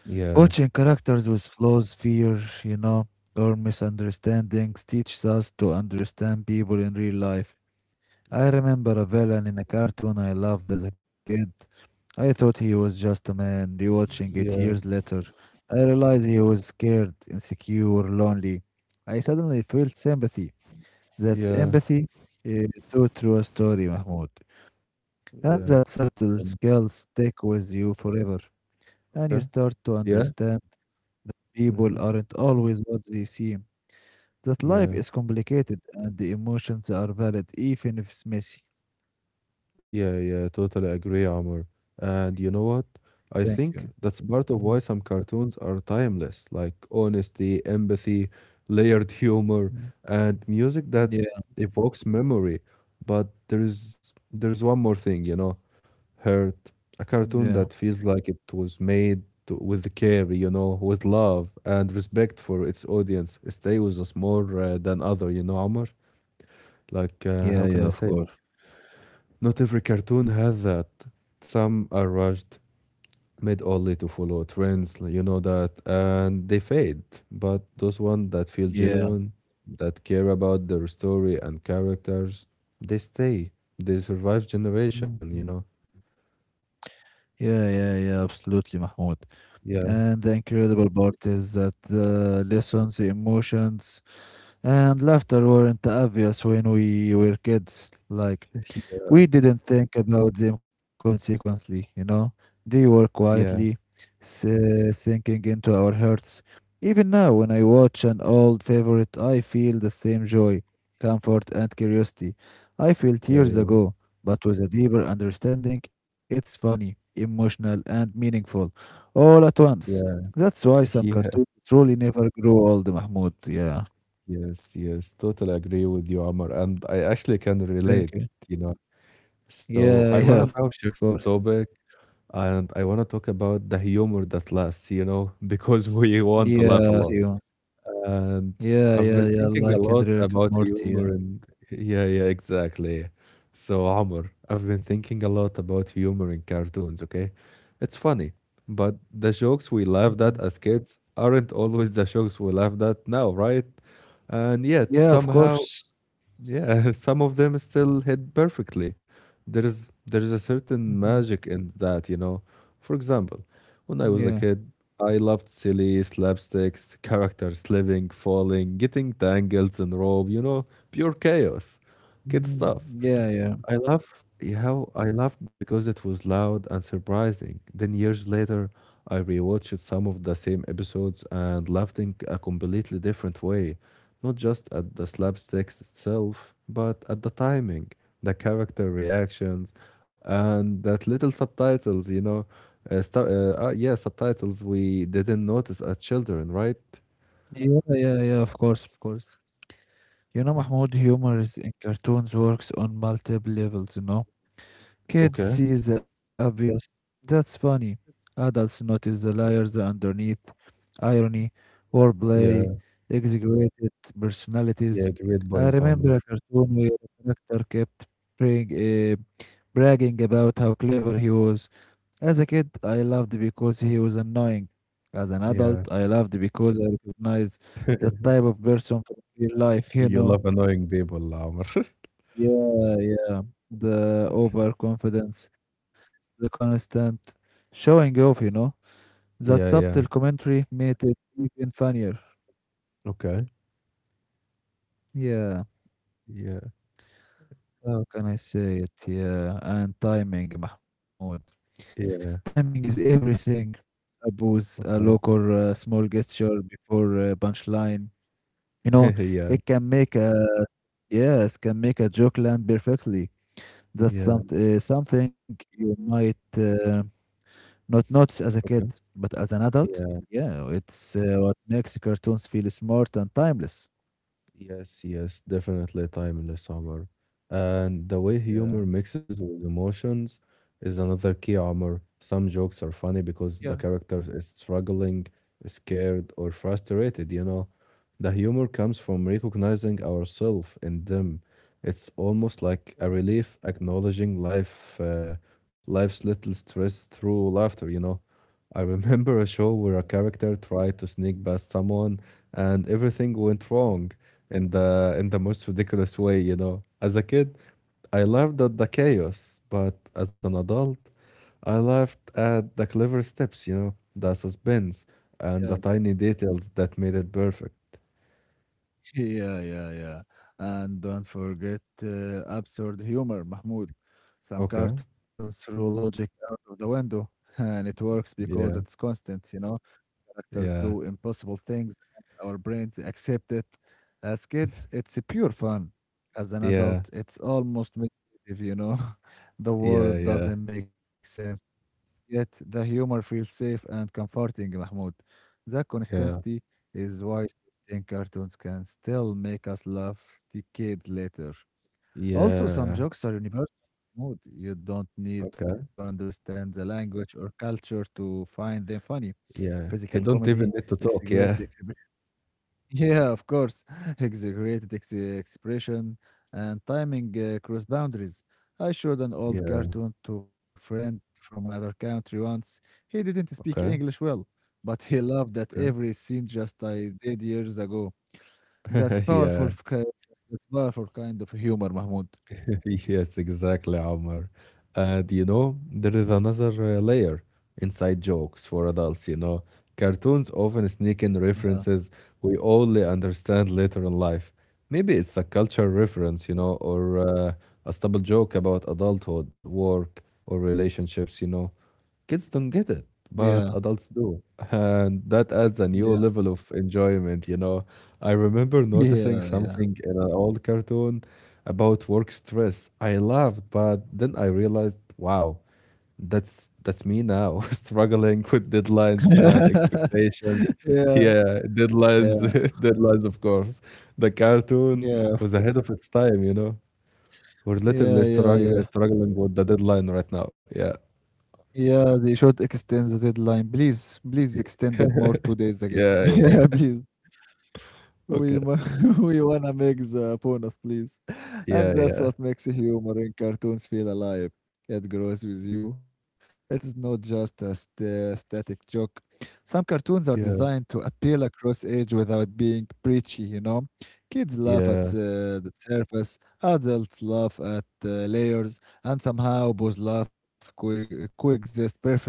Speaker 1: Yeah.
Speaker 2: Watching characters with flaws, fear, you know, or misunderstandings teaches us to understand people in real life. I
Speaker 1: Yeah.
Speaker 2: remember a villain in a cartoon I loved as a kid. I thought he was just a man. Rewatching it
Speaker 1: Yeah.
Speaker 2: years later, I realized he was scared, insecure, lonely. I suddenly felt sympathy. That's
Speaker 1: Yeah.
Speaker 2: empathy uh, told through a story, Mahmoud. And the
Speaker 1: Yeah.
Speaker 2: acceptance
Speaker 1: Um,
Speaker 2: skills stick with you forever, and you
Speaker 1: okay.
Speaker 2: start to
Speaker 1: Yeah.
Speaker 2: understand that people
Speaker 1: Mhm.
Speaker 2: aren't always what they seem, that life
Speaker 1: Yeah,
Speaker 2: is complicated and the emotions are valid even if it's messy.
Speaker 1: yeah, yeah, totally agree, Amr. And you know what?
Speaker 2: Thank
Speaker 1: I
Speaker 2: you.
Speaker 1: think that's part of
Speaker 2: Mhm,
Speaker 1: why some cartoons are timeless, like honesty, empathy, layered humor,
Speaker 2: mhm.
Speaker 1: and music that
Speaker 2: Yeah,
Speaker 1: evokes memory. But there's one more thing, you know, Hurt, a
Speaker 2: yeah,
Speaker 1: cartoon that feels like it was made to, with care, you know, with love and respect for its audience. It stays with us more than other, you know, Amr. Like,
Speaker 2: yeah,
Speaker 1: how can
Speaker 2: yeah,
Speaker 1: I
Speaker 2: of
Speaker 1: say it?
Speaker 2: course.
Speaker 1: Not every cartoon has that. Some are rushed, made only to follow trends, you know that, and they fade. But those ones that feel
Speaker 2: Yeah.
Speaker 1: genuine, that care about their story and characters, they stay. They survive generation, you know.
Speaker 2: Mhm. Yeah, yeah, yeah, absolutely, Mahmoud.
Speaker 1: Yeah.
Speaker 2: And the incredible part is that the lessons, the emotions, and laughter weren't obvious when we were kids. Like,
Speaker 1: *laughs*
Speaker 2: we didn't think about them consequently, you know. They were quietly
Speaker 1: Yeah,
Speaker 2: sinking into our hearts. Even now, when I watch an old favorite, I feel the same joy, comfort, and curiosity I felt
Speaker 1: yeah,
Speaker 2: years
Speaker 1: yeah,
Speaker 2: ago, but with a deeper understanding. It's funny, emotional, and meaningful all at once.
Speaker 1: yeah,
Speaker 2: That's why some
Speaker 1: yeah,
Speaker 2: cartoons truly never grow old, Mahmoud. Yeah.
Speaker 1: yes, yes. Totally agree with you, Amar. And I actually can
Speaker 2: Thank
Speaker 1: relate,
Speaker 2: you.
Speaker 1: you know. So
Speaker 2: Yeah,
Speaker 1: I want to
Speaker 2: yeah, of
Speaker 1: now shift the
Speaker 2: course.
Speaker 1: topic and I want to talk about the humor that lasts, you know, *laughs* because we want to laugh a
Speaker 2: Yeah,
Speaker 1: lot.
Speaker 2: you.
Speaker 1: And
Speaker 2: Yeah,
Speaker 1: I've
Speaker 2: yeah,
Speaker 1: been
Speaker 2: yeah,
Speaker 1: thinking a
Speaker 2: like in
Speaker 1: lot
Speaker 2: Rick and
Speaker 1: about
Speaker 2: Morty,
Speaker 1: humor
Speaker 2: yeah.
Speaker 1: and yeah, yeah, exactly. So, Amr, I've been thinking a lot about humor in cartoons, okay? It's funny, but the jokes we laughed
Speaker 2: Mhm.
Speaker 1: at as kids aren't always the jokes we laughed at now, right? And yet,
Speaker 2: Yeah, of
Speaker 1: somehow,
Speaker 2: course.
Speaker 1: yeah, *laughs* some of them still hit perfectly. There is a certain
Speaker 2: Mhm.
Speaker 1: magic in that, you know. For example, when I
Speaker 2: Yeah.
Speaker 1: was a kid, I loved silly slapsticks, characters slipping, falling, getting tangled in rope, you know, pure chaos. Kid
Speaker 2: Mhm.
Speaker 1: stuff.
Speaker 2: Yeah, yeah.
Speaker 1: I love how I laughed because it was loud and surprising. Then years later, I rewatched some of the same episodes and laughed in a completely different way, not just at the slapsticks itself, but at the timing, the character reactions, and that little subtitles. You know, stu yeah, subtitles we didn't notice as children, right?
Speaker 2: Yeah, yeah, yeah, of course, of course. You know, Mahmoud, humor is in cartoons works on multiple levels, you know? Kids
Speaker 1: Okay.
Speaker 2: see the obvious. That's funny. Adults notice the layers underneath, irony, wordplay,
Speaker 1: Yeah.
Speaker 2: exaggerated
Speaker 1: Yeah.
Speaker 2: personalities.
Speaker 1: Great
Speaker 2: I
Speaker 1: point, Amr.
Speaker 2: remember a cartoon where a character kept praying, bragging about how clever he was. As a kid, I loved because he was annoying. As an adult,
Speaker 1: Yeah.
Speaker 2: I loved because I recognized the
Speaker 1: *laughs*
Speaker 2: type of person from real life, you
Speaker 1: You
Speaker 2: know?
Speaker 1: love annoying people, Omar. *laughs*
Speaker 2: Yeah, yeah. The overconfidence, the constant showing off, you know. That
Speaker 1: Yeah,
Speaker 2: subtle
Speaker 1: yeah.
Speaker 2: commentary made it even funnier.
Speaker 1: Okay.
Speaker 2: Yeah,
Speaker 1: Yeah,
Speaker 2: how can I say it? Yeah, and timing, Mahmoud.
Speaker 1: yeah,
Speaker 2: Timing is everything. A booth, a look or
Speaker 1: okay.
Speaker 2: a small gesture before a punchline. You know,
Speaker 1: *laughs* Yeah,
Speaker 2: it can make a yes, can make a joke land perfectly.
Speaker 1: yeah,
Speaker 2: Something you might not nuts as a kid,
Speaker 1: okay.
Speaker 2: but as an adult,
Speaker 1: Yeah.
Speaker 2: yeah, it's what makes cartoons feel smart and timeless.
Speaker 1: Yes, yes, definitely timeless, Omar. And the way
Speaker 2: Yeah.
Speaker 1: humor mixes with emotions is another key, Omar. Some jokes are funny
Speaker 2: Yeah,
Speaker 1: because the character is struggling, scared, or frustrated, you know. The humor comes from recognizing ourselves in them. It's almost like a
Speaker 2: yeah,
Speaker 1: relief acknowledging life, life's little stress through laughter, you know. I remember a show
Speaker 2: yeah,
Speaker 1: where a character tried to sneak past someone and everything went wrong in the most ridiculous way, you know. As a kid, I laughed at the chaos, but as an adult, I laughed at the clever steps, you know, the suspense
Speaker 2: yeah,
Speaker 1: and the tiny details that made it perfect.
Speaker 2: *laughs* yeah, yeah, yeah. And don't forget absurd humor, Mahmoud. Some
Speaker 1: Okay.
Speaker 2: cartoons throw logic out of the window, *laughs* and it works because it's
Speaker 1: Yeah.
Speaker 2: constant, you know. Characters
Speaker 1: Yeah.
Speaker 2: do impossible things, and our brains accept it. As kids, it's a pure fun. As an adult,
Speaker 1: Yeah.
Speaker 2: it's almost meditative. *laughs* The
Speaker 1: Yeah.
Speaker 2: world
Speaker 1: Yeah.
Speaker 2: doesn't make sense. Yet the humor feels safe and comforting, Mahmoud. That
Speaker 1: Yeah.
Speaker 2: consistency is why certain cartoons can still make us laugh decades later. Also, some
Speaker 1: Yeah.
Speaker 2: jokes are universal. Mahmoud. You don't need to
Speaker 1: Okay.
Speaker 2: understand the language or culture to find them funny.
Speaker 1: Yeah.
Speaker 2: Physical
Speaker 1: He don't
Speaker 2: comedy,
Speaker 1: even need to talk.
Speaker 2: exaggerated
Speaker 1: Yeah.
Speaker 2: expression. *laughs* Yeah, of course. *laughs* Exaggerated ex expression and timing cross boundaries. I showed an old
Speaker 1: Yeah.
Speaker 2: cartoon to a friend from another country once. He didn't speak
Speaker 1: Okay.
Speaker 2: English well, but he loved that
Speaker 1: Okay.
Speaker 2: every scene just I did years ago. That's
Speaker 1: *laughs*
Speaker 2: powerful,
Speaker 1: Yeah,
Speaker 2: f- ki- that's powerful kind of humor, Mahmoud.
Speaker 1: *laughs* yes, exactly, Omar. And you know, there is another layer inside jokes for adults, you know. Cartoons often sneak in
Speaker 2: Yeah,
Speaker 1: references we only understand later in life. Maybe it's a cultural reference, you know, or a stubble joke about adulthood, work, or relationships, you know. Kids don't get it,
Speaker 2: yeah,
Speaker 1: but adults do. And that adds a new
Speaker 2: yeah,
Speaker 1: level of enjoyment, you know. I remember noticing
Speaker 2: yeah, yeah,
Speaker 1: something in an old cartoon about work stress. I laughed, but then I realized, wow. That's me now, *laughs* struggling with deadlines and
Speaker 2: *laughs*
Speaker 1: expectations.
Speaker 2: yeah, yeah,
Speaker 1: Yeah, deadlines,
Speaker 2: yeah,
Speaker 1: *laughs* deadlines, of course. The cartoon was
Speaker 2: yeah,
Speaker 1: ahead of its time, you know. We're literally
Speaker 2: yeah, yeah, yeah.
Speaker 1: struggling with the deadline right now. Yeah.
Speaker 2: Yeah, they should extend the deadline. Please, please extend it
Speaker 1: *laughs*
Speaker 2: more 2 days again.
Speaker 1: Yeah,
Speaker 2: *laughs*
Speaker 1: yeah.
Speaker 2: Yeah, please.
Speaker 1: Okay.
Speaker 2: We mu- *laughs* we wanna make the bonus, please. *laughs* And
Speaker 1: Yeah,
Speaker 2: that's
Speaker 1: yeah.
Speaker 2: what makes humor in cartoons feel alive. It grows with you. It is not just a static joke. Some cartoons are
Speaker 1: Yeah.
Speaker 2: designed to appeal across age without being preachy, you know? Kids laugh at
Speaker 1: Yeah.
Speaker 2: the surface, adults laugh at the layers, and somehow both laugh coexist perfectly.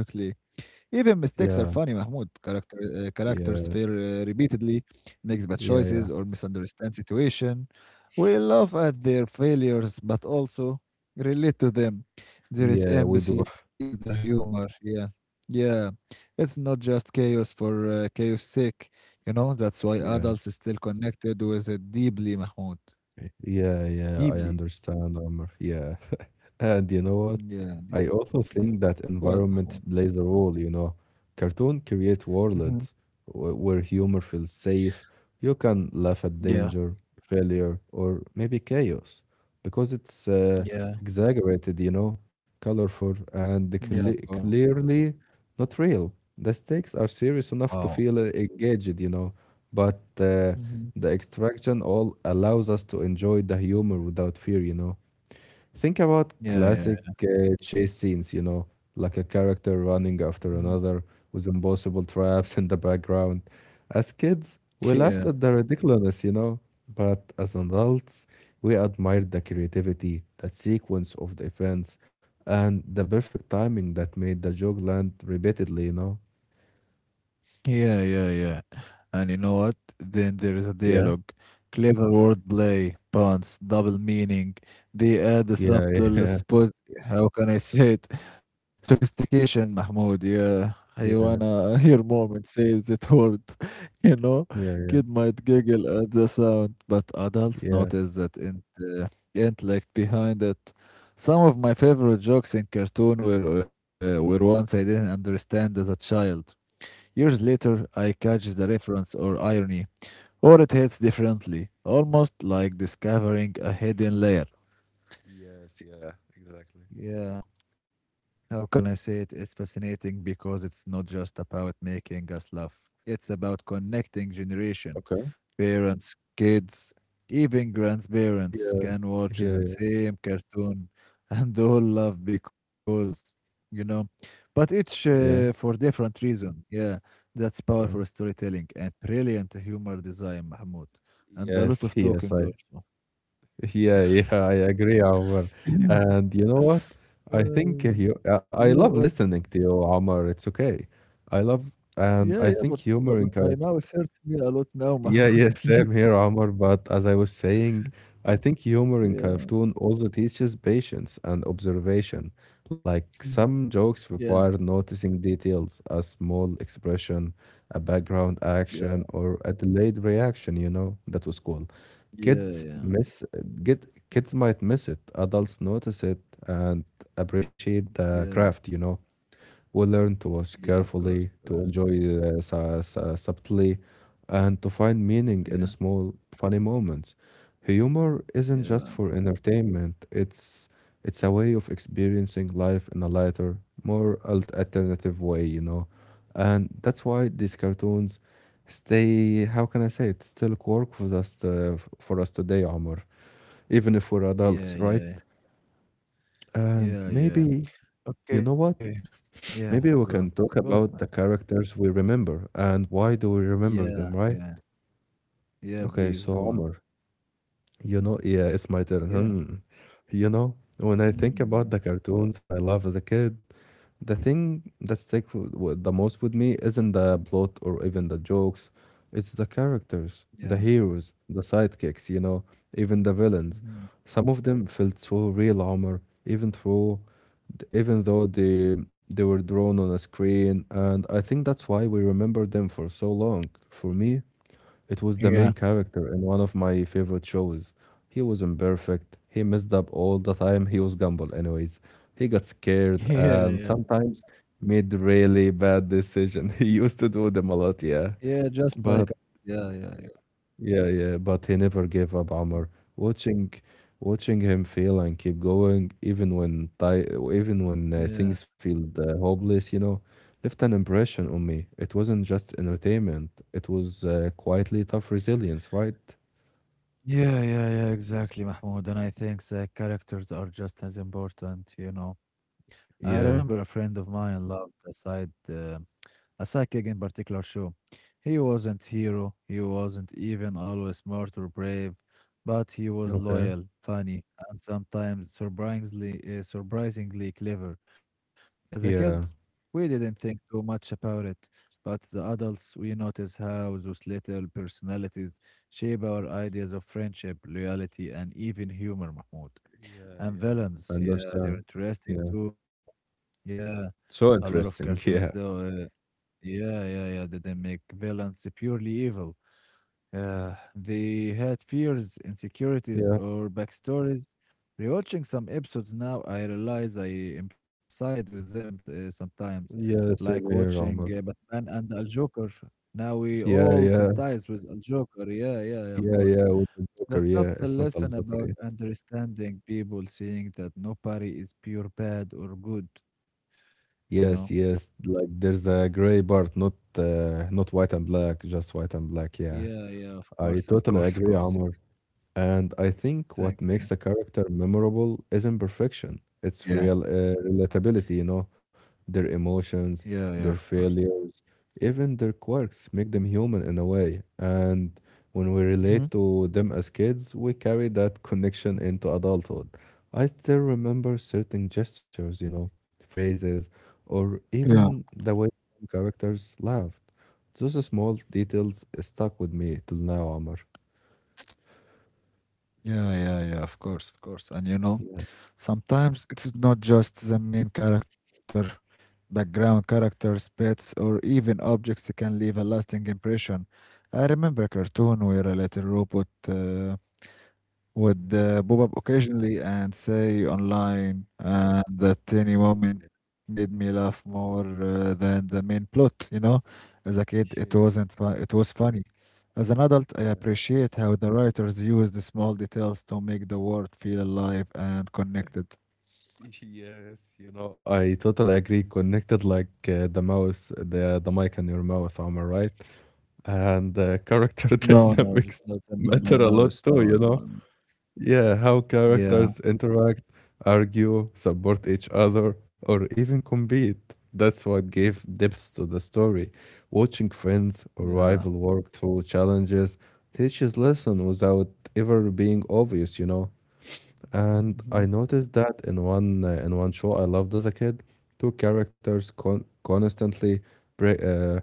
Speaker 2: Even mistakes are funny,
Speaker 1: Yeah.
Speaker 2: Mahmoud. Characters fail
Speaker 1: Yeah.
Speaker 2: repeatedly, makes bad
Speaker 1: Yeah. Yeah.
Speaker 2: choices, or misunderstand situation. We laugh at their failures, but also relate to them. There is
Speaker 1: Yeah. We do. *laughs*
Speaker 2: empathy in the humor. Yeah, yeah. It's not just chaos for chaos sake. You know, that's why
Speaker 1: Yeah.
Speaker 2: adults is still connected with it deeply, Mahmoud.
Speaker 1: Yeah, yeah, I
Speaker 2: Deeply.
Speaker 1: understand, Amr. Yeah. *laughs* And you know what?
Speaker 2: Yeah,
Speaker 1: I
Speaker 2: deeply.
Speaker 1: also think that
Speaker 2: What, Mahmoud?
Speaker 1: environment plays a role, you know. Cartoon create
Speaker 2: Hmm.
Speaker 1: worlds where humor feels safe, you can laugh at
Speaker 2: Yeah,
Speaker 1: danger, failure, or maybe chaos because it's
Speaker 2: yeah,
Speaker 1: exaggerated, you know, colorful,
Speaker 2: yeah.
Speaker 1: and
Speaker 2: Of course.
Speaker 1: clearly not real. The stakes are serious enough to
Speaker 2: Wow.
Speaker 1: feel engaged, you know, but
Speaker 2: Hmm.
Speaker 1: the extraction all allows us to enjoy the humor without fear, you know. Think about
Speaker 2: Yeah, yeah.
Speaker 1: classic chase scenes, you know, like a character running
Speaker 2: Mm.
Speaker 1: after another with impossible traps *laughs* in the background. As kids, we laughed
Speaker 2: Yeah,
Speaker 1: at the ridiculousness, you know, but as adults, we admired the creativity, that sequence of the events, and the perfect timing that made the joke land repeatedly, you know.
Speaker 2: yeah, yeah, yeah. And you know what? Then there is a
Speaker 1: Yeah,
Speaker 2: dialogue, clever wordplay, puns, double meaning. They add a
Speaker 1: yeah,
Speaker 2: subtle
Speaker 1: yeah,
Speaker 2: spot. How can I say it? Sophistication, Mahmoud. Yeah, I
Speaker 1: *laughs* yeah,
Speaker 2: wanna *laughs* hear mom and say that word. *laughs* You know,
Speaker 1: yeah, yeah.
Speaker 2: kid might giggle at the sound, but adults
Speaker 1: Yeah.
Speaker 2: notice that in the intellect behind it. Some of my favorite jokes in cartoon were ones I didn't understand as a child. Years later,
Speaker 1: Okay.
Speaker 2: I catch the reference or irony, or it hits differently, almost like discovering a hidden layer.
Speaker 1: Yes, yeah, exactly.
Speaker 2: Yeah, how can I say it? It's fascinating because it's not just about making us laugh, it's about
Speaker 1: Yeah.
Speaker 2: connecting generation.
Speaker 1: Okay.
Speaker 2: Parents, kids, even grandparents
Speaker 1: Yeah,
Speaker 2: can watch the
Speaker 1: yeah,
Speaker 2: same cartoon *laughs* and all love because, you know, but each
Speaker 1: yeah,
Speaker 2: for different reason. Yeah, that's powerful
Speaker 1: yeah.
Speaker 2: storytelling and brilliant humor design, Mahmoud, and a lot
Speaker 1: Yes,
Speaker 2: of
Speaker 1: yes,
Speaker 2: talking
Speaker 1: I
Speaker 2: also.
Speaker 1: *laughs* yeah, yeah, I agree, Omar.
Speaker 2: *laughs*
Speaker 1: And you know what? I think
Speaker 2: Uh,
Speaker 1: you,
Speaker 2: yeah,
Speaker 1: I
Speaker 2: but,
Speaker 1: love listening to you, Omar. It's okay. I love,
Speaker 2: yeah,
Speaker 1: and
Speaker 2: yeah,
Speaker 1: I
Speaker 2: but,
Speaker 1: think
Speaker 2: but
Speaker 1: humor
Speaker 2: but
Speaker 1: in
Speaker 2: my mouth hurts me a lot now,
Speaker 1: yeah, yeah,
Speaker 2: Mahmoud.
Speaker 1: *laughs*
Speaker 2: *laughs*
Speaker 1: same
Speaker 2: Please,
Speaker 1: here, Omar. But as I was saying, I think humor in
Speaker 2: yeah,
Speaker 1: cartoon also teaches patience and observation. Like
Speaker 2: mm,
Speaker 1: some jokes
Speaker 2: yeah,
Speaker 1: require noticing details, a small expression, a background
Speaker 2: yeah,
Speaker 1: action, or a delayed reaction. You know, that was cool.
Speaker 2: yeah,
Speaker 1: Kids
Speaker 2: yeah,
Speaker 1: miss get kids might miss it. Adults notice it and appreciate the
Speaker 2: yeah,
Speaker 1: craft, you know. We learn to watch
Speaker 2: yeah. Of
Speaker 1: carefully,
Speaker 2: course,
Speaker 1: to enjoy subtly, and to find meaning in
Speaker 2: yeah.
Speaker 1: small, funny moments. Humor isn't just
Speaker 2: Yeah,
Speaker 1: for entertainment, it's a way of experiencing life in a lighter, more alternative way, you know. And that's why these cartoons stay, how can I say it, still work for us, for us today, Omar, even if we're
Speaker 2: yeah,
Speaker 1: adults, right?
Speaker 2: yeah,
Speaker 1: And
Speaker 2: yeah, yeah.
Speaker 1: maybe, you know
Speaker 2: Okay,
Speaker 1: what?
Speaker 2: yeah,
Speaker 1: Maybe
Speaker 2: go.
Speaker 1: we can talk
Speaker 2: What?
Speaker 1: about the characters we remember and why do we remember
Speaker 2: Yeah,
Speaker 1: them, right?
Speaker 2: yeah, yeah.
Speaker 1: Okay,
Speaker 2: Please
Speaker 1: so
Speaker 2: go on.
Speaker 1: Omar, you know, yeah, it's my turn.
Speaker 2: Yeah,
Speaker 1: Hmm. You know, when I think about
Speaker 2: mm,
Speaker 1: the cartoons I love as a kid, the thing that sticks with the most with me isn't the plot or even the jokes. It's the characters,
Speaker 2: yeah,
Speaker 1: the heroes, the sidekicks, you know, even the villains.
Speaker 2: mhm,
Speaker 1: Some of them felt so real, Omar, even through, even though they were drawn on a screen, and I think that's why we remember them for so long. For me, it was
Speaker 2: yeah,
Speaker 1: the main character in one of my favorite shows. He was imperfect. He messed up all the time. He was Gumball, anyways. He got
Speaker 2: *laughs*
Speaker 1: scared
Speaker 2: yeah,
Speaker 1: and
Speaker 2: yeah,
Speaker 1: sometimes made really bad decision. *laughs* He used to do them a lot, yeah.
Speaker 2: yeah. Just like,
Speaker 1: But
Speaker 2: yeah, yeah, yeah,
Speaker 1: yeah, yeah. But he never gave up,
Speaker 2: mm,
Speaker 1: Amr. Watching, watching him fail and keep going, even when
Speaker 2: yeah,
Speaker 1: things feel hopeless, you know, left an impression on me. It wasn't just entertainment. It was quietly tough resilience, right?
Speaker 2: yeah, yeah, yeah. Exactly, Mahmoud. And I think the characters are just as important. You know, I remember
Speaker 1: Yeah.
Speaker 2: a friend of mine loved the side. A psychic in particular show. He wasn't hero, he wasn't even always smart or brave, but he was
Speaker 1: Okay.
Speaker 2: loyal, funny, and sometimes surprisingly clever. As a kid,
Speaker 1: Yeah.
Speaker 2: we didn't think too much about it, but the adults we notice how those little personalities shape our ideas of friendship, loyalty, and even humor, Mahmoud.
Speaker 1: Yeah,
Speaker 2: And
Speaker 1: yeah. I
Speaker 2: villains, yeah, they're
Speaker 1: understand.
Speaker 2: interesting
Speaker 1: Yeah.
Speaker 2: too. Yeah, a lot
Speaker 1: So
Speaker 2: of cartoons
Speaker 1: interesting. *laughs*
Speaker 2: though
Speaker 1: Yeah.
Speaker 2: eh, yeah, yeah, yeah. They didn't make villains purely evil. They had fears, insecurities,
Speaker 1: Yeah.
Speaker 2: or backstories. Rewatching some episodes now, I realize I am side with them sometimes,
Speaker 1: Yeah,
Speaker 2: like
Speaker 1: same
Speaker 2: watching
Speaker 1: here, Omar.
Speaker 2: Batman and Al Joker. Now we
Speaker 1: Yeah,
Speaker 2: all
Speaker 1: yeah.
Speaker 2: sympathize with Al Joker. Yeah, yeah, yeah, of
Speaker 1: Yeah,
Speaker 2: course.
Speaker 1: yeah, with the
Speaker 2: The
Speaker 1: Joker. Yeah,
Speaker 2: subtle
Speaker 1: it's not all
Speaker 2: lesson
Speaker 1: Joker.
Speaker 2: about
Speaker 1: Yeah.
Speaker 2: understanding people, seeing that nobody is pure bad or good, you know?
Speaker 1: Yes, yes. Like there's a gray part, not not white and black, just white and black. Yeah.
Speaker 2: Yeah, yeah, of
Speaker 1: I
Speaker 2: course, of
Speaker 1: totally
Speaker 2: course, of
Speaker 1: agree,
Speaker 2: course.
Speaker 1: Omar. And I think
Speaker 2: Thank
Speaker 1: what
Speaker 2: you.
Speaker 1: makes a character memorable isn't perfection, it's
Speaker 2: Yeah,
Speaker 1: real relatability, you know. Their emotions,
Speaker 2: yeah, yeah, of
Speaker 1: their
Speaker 2: course.
Speaker 1: failures, even their quirks make them human in a way. And when we
Speaker 2: Mhm.
Speaker 1: relate to them as kids, we carry that *laughs* connection into adulthood. I still remember certain gestures, you know, phrases, or
Speaker 2: Yeah,
Speaker 1: even the way some characters laughed. Those small details stuck with me till now, Omar.
Speaker 2: yeah, yeah, yeah, of course, of course. And you know,
Speaker 1: Yeah.
Speaker 2: sometimes it's not just the main character, background characters, pets, or even objects can leave a lasting impression. I remember a cartoon where a little robot would pop up occasionally and say
Speaker 1: Yeah.
Speaker 2: online, and that any moment
Speaker 1: Yeah,
Speaker 2: made me laugh more than the main plot. You know, as a kid, it wasn't fun. It was funny. As an adult, I
Speaker 1: yeah,
Speaker 2: appreciate how the writers use the small details to make the world feel alive and connected.
Speaker 1: *laughs* yes, you know, I totally agree. Connected like the mouse, the mic and your mouth, am I right? And character *laughs*
Speaker 2: No, no, just
Speaker 1: dynamics
Speaker 2: not them in
Speaker 1: matter
Speaker 2: my
Speaker 1: a lot
Speaker 2: mouse.
Speaker 1: too,
Speaker 2: No,
Speaker 1: you
Speaker 2: no.
Speaker 1: know?
Speaker 2: n-
Speaker 1: Yeah, how
Speaker 2: Yeah,
Speaker 1: characters interact, argue, support each other, or even compete. That's what gave depth to the story. Watching friends or
Speaker 2: yeah,
Speaker 1: rival work through challenges teaches lesson without ever being obvious, you know? And I
Speaker 2: mhm,
Speaker 1: noticed that in one show I loved as a kid, two characters constantly bre uh,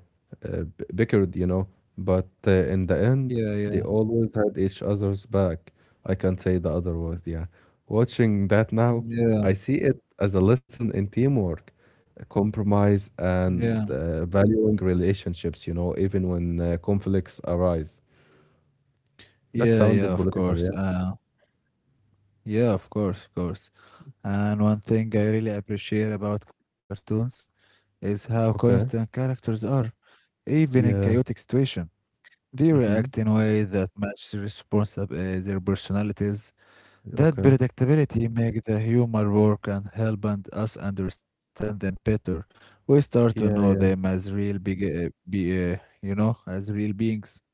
Speaker 1: bickered, you know, but in the end
Speaker 2: yeah, yeah,
Speaker 1: they always had each other's back. I can't say the other word, yeah. Watching that now,
Speaker 2: yeah,
Speaker 1: I see it as a lesson in teamwork, compromise,
Speaker 2: yeah,
Speaker 1: and valuing relationships, you know, even when conflicts arise. That
Speaker 2: yeah, yeah.
Speaker 1: sounded
Speaker 2: Of
Speaker 1: political,
Speaker 2: course,
Speaker 1: yeah.
Speaker 2: yeah, of course, of course. And one thing I really appreciate about cartoons is how constant
Speaker 1: Okay.
Speaker 2: characters are, even in chaotic
Speaker 1: Yeah.
Speaker 2: situations. They
Speaker 1: Mm-hmm.
Speaker 2: react in ways that match their personalities. That
Speaker 1: Okay.
Speaker 2: predictability makes the humor work and help and us understand them better. We start to
Speaker 1: Yeah,
Speaker 2: know
Speaker 1: yeah,
Speaker 2: them as real big, be, you know, as real beings.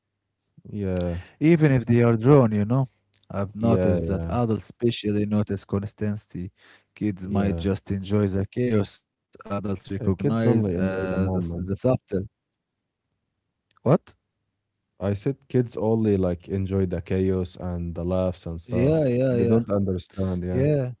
Speaker 1: yeah,
Speaker 2: Even if they are drawn, you know, I've
Speaker 1: yeah,
Speaker 2: noticed
Speaker 1: yeah,
Speaker 2: that adults especially notice consistency. Kids might
Speaker 1: yeah.
Speaker 2: just enjoy the chaos. Adults
Speaker 1: Yeah, kids
Speaker 2: recognize
Speaker 1: only enjoy
Speaker 2: uh,
Speaker 1: the
Speaker 2: the, the
Speaker 1: moment.
Speaker 2: subtle. What?
Speaker 1: I said kids only like enjoy the chaos and the laughs and
Speaker 2: Yeah,
Speaker 1: stuff.
Speaker 2: yeah,
Speaker 1: They
Speaker 2: yeah,
Speaker 1: don't understand, yeah.
Speaker 2: yeah,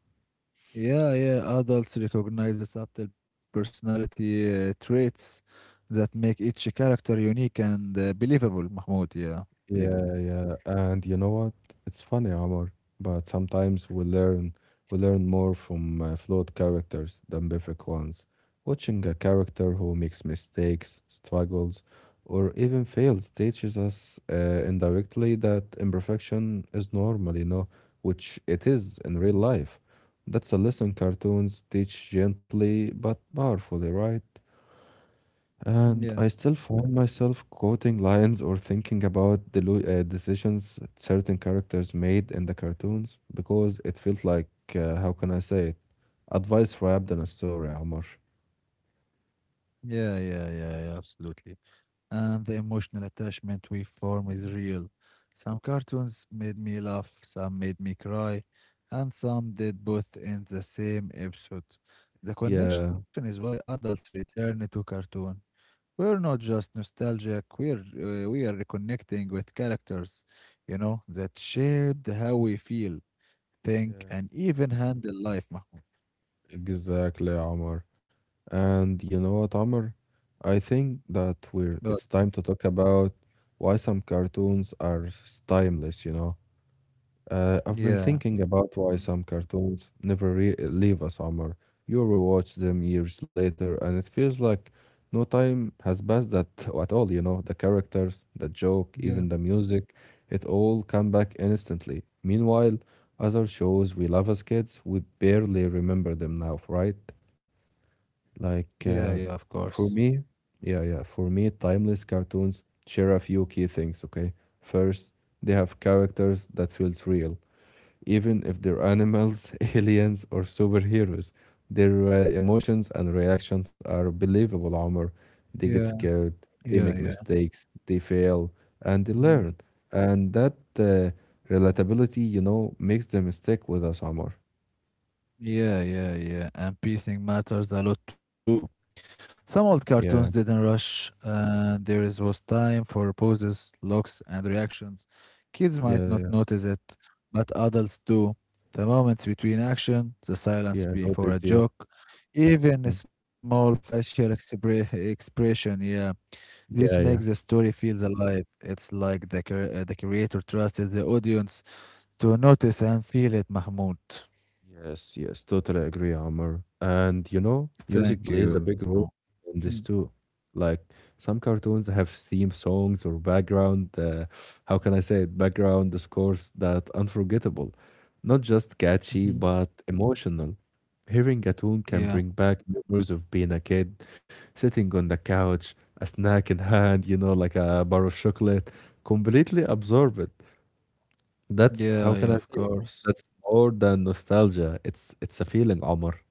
Speaker 2: yeah, yeah. Adults recognize the subtle personality traits that make each character unique and believable, Mahmoud. Yeah, believable.
Speaker 1: Yeah, yeah. And you know what? It's funny, Omar, but sometimes we learn more from flawed characters than perfect ones. Watching a character who makes mistakes, struggles, or even fails teaches us indirectly that imperfection is normal, you know, which it is in real
Speaker 2: Mm.
Speaker 1: life. That's a lesson cartoons teach gently but powerfully, right?
Speaker 2: Yeah,
Speaker 1: And I still find myself quoting lines or thinking about the decisions certain characters made in the cartoons because it felt like, how can I say it? Advice wrapped in a story, Amr.
Speaker 2: yeah, yeah, yeah, yeah, absolutely. And the emotional attachment we form is real. Some cartoons made me laugh, some made me cry, and some did both in the same episode. The connection
Speaker 1: Yeah,
Speaker 2: is why adults return to cartoon. We're not just nostalgic, we are reconnecting with characters, you know, that shaped how we feel, think,
Speaker 1: yeah,
Speaker 2: and even handle life, Mahmoud.
Speaker 1: exactly, Amr. And you know what, Amr? I think that
Speaker 2: But
Speaker 1: we're It's time to talk about why some cartoons are timeless, you know. I've been
Speaker 2: yeah,
Speaker 1: thinking about why
Speaker 2: um,
Speaker 1: some cartoons never re leave a summer. You rewatch them years later, and it feels like no time has passed that *laughs* at all, you know? The characters, the joke,
Speaker 2: yeah,
Speaker 1: even the music, it all come back instantly. Meanwhile, other shows we love as kids, we barely remember them now, right? Like,
Speaker 2: yeah, yeah, of
Speaker 1: for
Speaker 2: course.
Speaker 1: me, yeah, for me, timeless cartoons share a few key things, okay? First, they have characters that feels real even if they're animals, *laughs* aliens, or superheroes. Their emotions and reactions are believable, Omar. They get
Speaker 2: Yeah,
Speaker 1: scared, they make
Speaker 2: yeah, yeah.
Speaker 1: mistakes, they fail, and they learn.
Speaker 2: Mhm.
Speaker 1: And that uh, relatability, you know, makes them stick with us, Omar.
Speaker 2: Yeah, yeah, yeah. And pacing matters a lot too. Some old
Speaker 1: Yeah,
Speaker 2: cartoons didn't rush. There is was time for poses, looks, and reactions. Kids might
Speaker 1: yeah,
Speaker 2: not
Speaker 1: yeah,
Speaker 2: notice it, but adults do. The moments between action, the silence
Speaker 1: yeah. I know,
Speaker 2: before a
Speaker 1: yeah.
Speaker 2: joke,
Speaker 1: Mm.
Speaker 2: even a small facial expression. Yeah, this
Speaker 1: Yeah,
Speaker 2: makes the
Speaker 1: yeah.
Speaker 2: story feels alive. It's like the creator trusted the audience to notice and feel it. Mahmoud,
Speaker 1: Yes, yes, totally agree, Amr. And you know, music
Speaker 2: thank
Speaker 1: plays a
Speaker 2: you.
Speaker 1: big role in
Speaker 2: *laughs*
Speaker 1: this too. Like some cartoons have theme songs or background, how can I say it, background scores that unforgettable, not just catchy
Speaker 2: Mhm.
Speaker 1: but emotional. Hearing a tune can
Speaker 2: Yeah,
Speaker 1: bring back memories of being a kid, sitting on the couch, a snack in hand, you know, like a bar of chocolate, completely absorbed. That's
Speaker 2: yeah,
Speaker 1: how can
Speaker 2: yeah,
Speaker 1: I
Speaker 2: of
Speaker 1: say it?
Speaker 2: course.
Speaker 1: That's more than nostalgia. It's a feeling, Omar.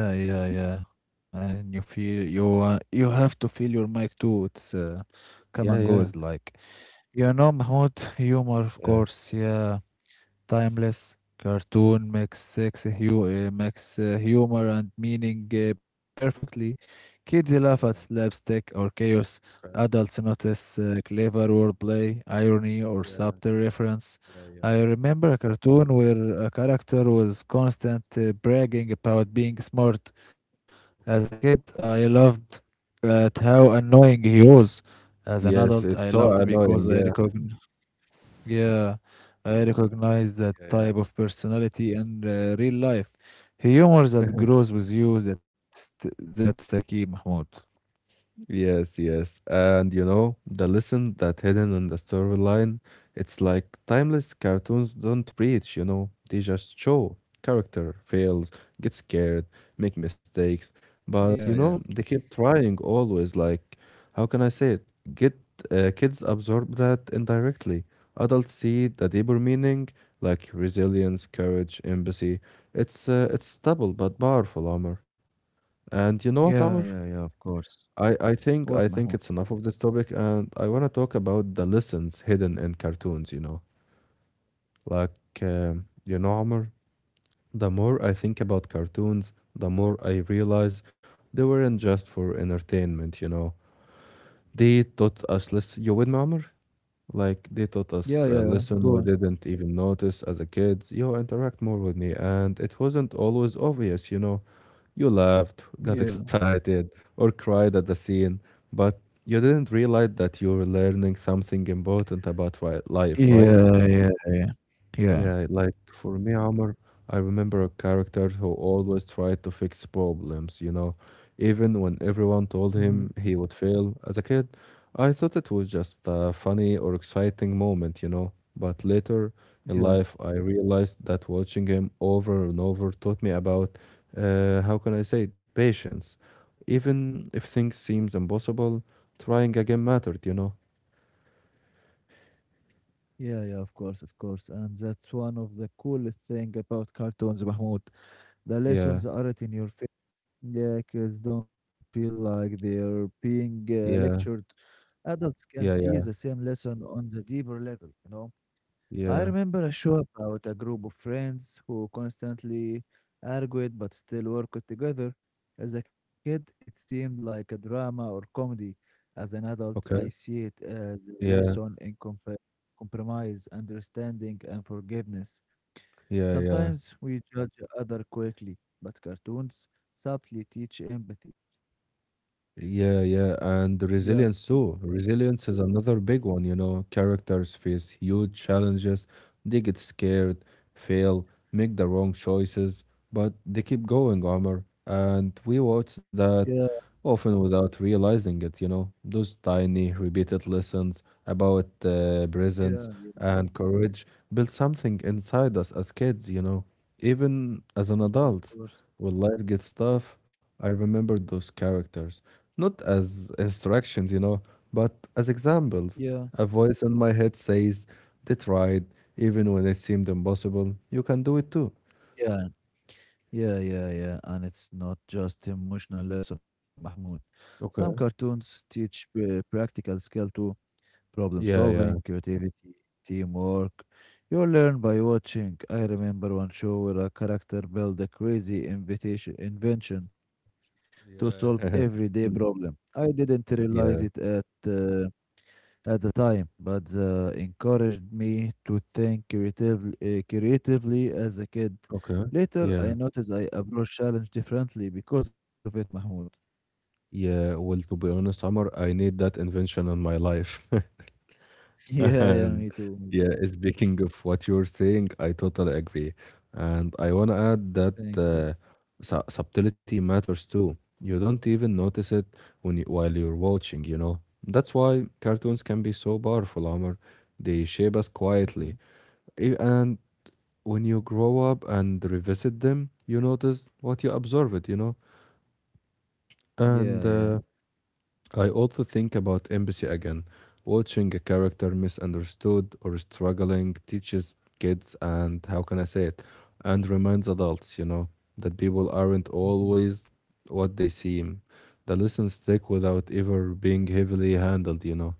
Speaker 2: Yeah, yeah, yeah. And you feel you have to feel your mic too. It's come
Speaker 1: Yeah,
Speaker 2: and
Speaker 1: yeah,
Speaker 2: goes like Mahmoud humor, of
Speaker 1: yeah.
Speaker 2: course. Yeah, timeless cartoon makes humor and meaning perfectly. Kids laugh at
Speaker 1: Yeah.
Speaker 2: slapstick or chaos.
Speaker 1: Okay.
Speaker 2: Adults notice clever wordplay, irony, or
Speaker 1: Yeah.
Speaker 2: subtle reference.
Speaker 1: Yeah. Yeah.
Speaker 2: I remember a cartoon where a character was constant bragging about being smart. As a
Speaker 1: Okay.
Speaker 2: kid I loved at how annoying he was. As an adult
Speaker 1: Yes,
Speaker 2: I
Speaker 1: it's so
Speaker 2: loved because
Speaker 1: annoying.
Speaker 2: I
Speaker 1: Yeah.
Speaker 2: recognized. Yeah, I recognize that
Speaker 1: Yeah. Yeah.
Speaker 2: type of personality in real life. Humor that grows with you, that's a key, Mahmoud.
Speaker 1: Yes, yes. And you know, the lesson that hidden in the storyline, it's like timeless cartoons don't preach, you know, they just show. Character fails, gets scared, make mistakes,
Speaker 2: Yeah,
Speaker 1: but
Speaker 2: yeah.
Speaker 1: you know, they keep trying always like how can I say it? Get kids absorb that indirectly. Adults see the deeper meaning like resilience, courage, empathy. It's stubble but powerful, Amr. And you know
Speaker 2: Yeah,
Speaker 1: what,
Speaker 2: yeah,
Speaker 1: Amr?
Speaker 2: yeah, of course.
Speaker 1: I, I
Speaker 2: What,
Speaker 1: think I
Speaker 2: Mahmoud?
Speaker 1: think it's enough of this topic, and I want to talk about the lessons hidden in cartoons. You know, like you know, Amr. The more I think about cartoons, the more I realize they weren't just for entertainment. You know, they taught us less. You with me, Amr? Like they taught
Speaker 2: Yeah,
Speaker 1: us a
Speaker 2: yeah, yeah.
Speaker 1: lesson
Speaker 2: Go
Speaker 1: we
Speaker 2: on.
Speaker 1: didn't even notice as a kid. You interact more with me, and it wasn't always obvious. You know, you laughed, got
Speaker 2: Yeah.
Speaker 1: excited, or cried at the scene, but you didn't realize that you were learning something important about life, right?
Speaker 2: Yeah, yeah, yeah. Yeah.
Speaker 1: Yeah, like for me, Omar, I remember a character who always tried to fix problems, you know, even when everyone told
Speaker 2: Mhm.
Speaker 1: him he would fail. As a kid, I thought it was just a funny or exciting moment, you know, but later in
Speaker 2: Yeah.
Speaker 1: life, I realized that watching him over and over taught me about, how can I say it, patience. Even if things seems impossible, trying again mattered, you know.
Speaker 2: Yeah, yeah, of course, of course. And that's one of the coolest thing about cartoons, Mahmoud. The
Speaker 1: Yeah,
Speaker 2: lessons aren't in your face. Yeah, kids don't feel like they're being lectured.
Speaker 1: yeah,
Speaker 2: Adults can see
Speaker 1: yeah,
Speaker 2: the
Speaker 1: yeah,
Speaker 2: same lesson on the deeper level. I
Speaker 1: yeah.
Speaker 2: remember a show about a group of friends who constantly argued but still worked together. As a kid, it seemed like a drama or comedy. As an adult, I
Speaker 1: Okay.
Speaker 2: see it as a
Speaker 1: Yeah.
Speaker 2: lesson in compromise, understanding, and forgiveness.
Speaker 1: Yeah, yeah.
Speaker 2: Sometimes we judge other quickly, but cartoons subtly teach empathy.
Speaker 1: Yeah, yeah. And the
Speaker 2: Yeah.
Speaker 1: resilience too.
Speaker 2: Yeah,
Speaker 1: Resilience is another big one, you know. Characters face huge challenges. They get scared, fail, make the wrong choices, but they keep going, Omar. And we watch
Speaker 2: yeah,
Speaker 1: that
Speaker 2: yeah,
Speaker 1: often without realizing it, you know. Those tiny, repeated lessons about presence
Speaker 2: yeah, yeah,
Speaker 1: and courage build something inside us as kids, you know, even as an
Speaker 2: yeah, of
Speaker 1: adult.
Speaker 2: course.
Speaker 1: When life gets tough, I remember those characters, not as instructions, you know, but as examples.
Speaker 2: Yeah,
Speaker 1: A voice in my head says, they tried, even when it seemed impossible, you can do it too.
Speaker 2: yeah, yeah, yeah, yeah. And it's not just emotional lesson, Mahmoud. Some
Speaker 1: Okay.
Speaker 2: cartoons teach practical skill too, problem
Speaker 1: Yeah, yeah.
Speaker 2: solving, creativity, teamwork. You learn by watching. I remember one show where a character built a crazy invitation invention to solve
Speaker 1: Yeah. *laughs* Mm.
Speaker 2: everyday problem. I didn't
Speaker 1: Yeah.
Speaker 2: realize it at the time, but encouraged me to think creatively as a kid.
Speaker 1: Okay.
Speaker 2: Later, I
Speaker 1: Yeah.
Speaker 2: noticed I approach challenge differently because of it, Mahmoud. *laughs*
Speaker 1: Yeah. Well, to be honest, Amr, I need that invention in my life. *laughs*
Speaker 2: Yeah, yeah,
Speaker 1: And
Speaker 2: me too, me
Speaker 1: yeah,
Speaker 2: too.
Speaker 1: speaking of what you're saying, I totally agree. And I want to add that
Speaker 2: Thank you.
Speaker 1: subtlety matters too. You don't even notice it when you, while you're watching, you know. That's why cartoons can be so powerful, Amr. They shape us quietly.
Speaker 2: Mhm.
Speaker 1: And when you grow up and revisit them, you notice what you observe it, you know?
Speaker 2: Yeah, yeah.
Speaker 1: And I also think about empathy again. Watching a character misunderstood or struggling teaches kids and how can I say it? And reminds adults, you know, that people aren't
Speaker 2: Mhm.
Speaker 1: always what they seem. The lessons stick without ever being heavily handled, you know?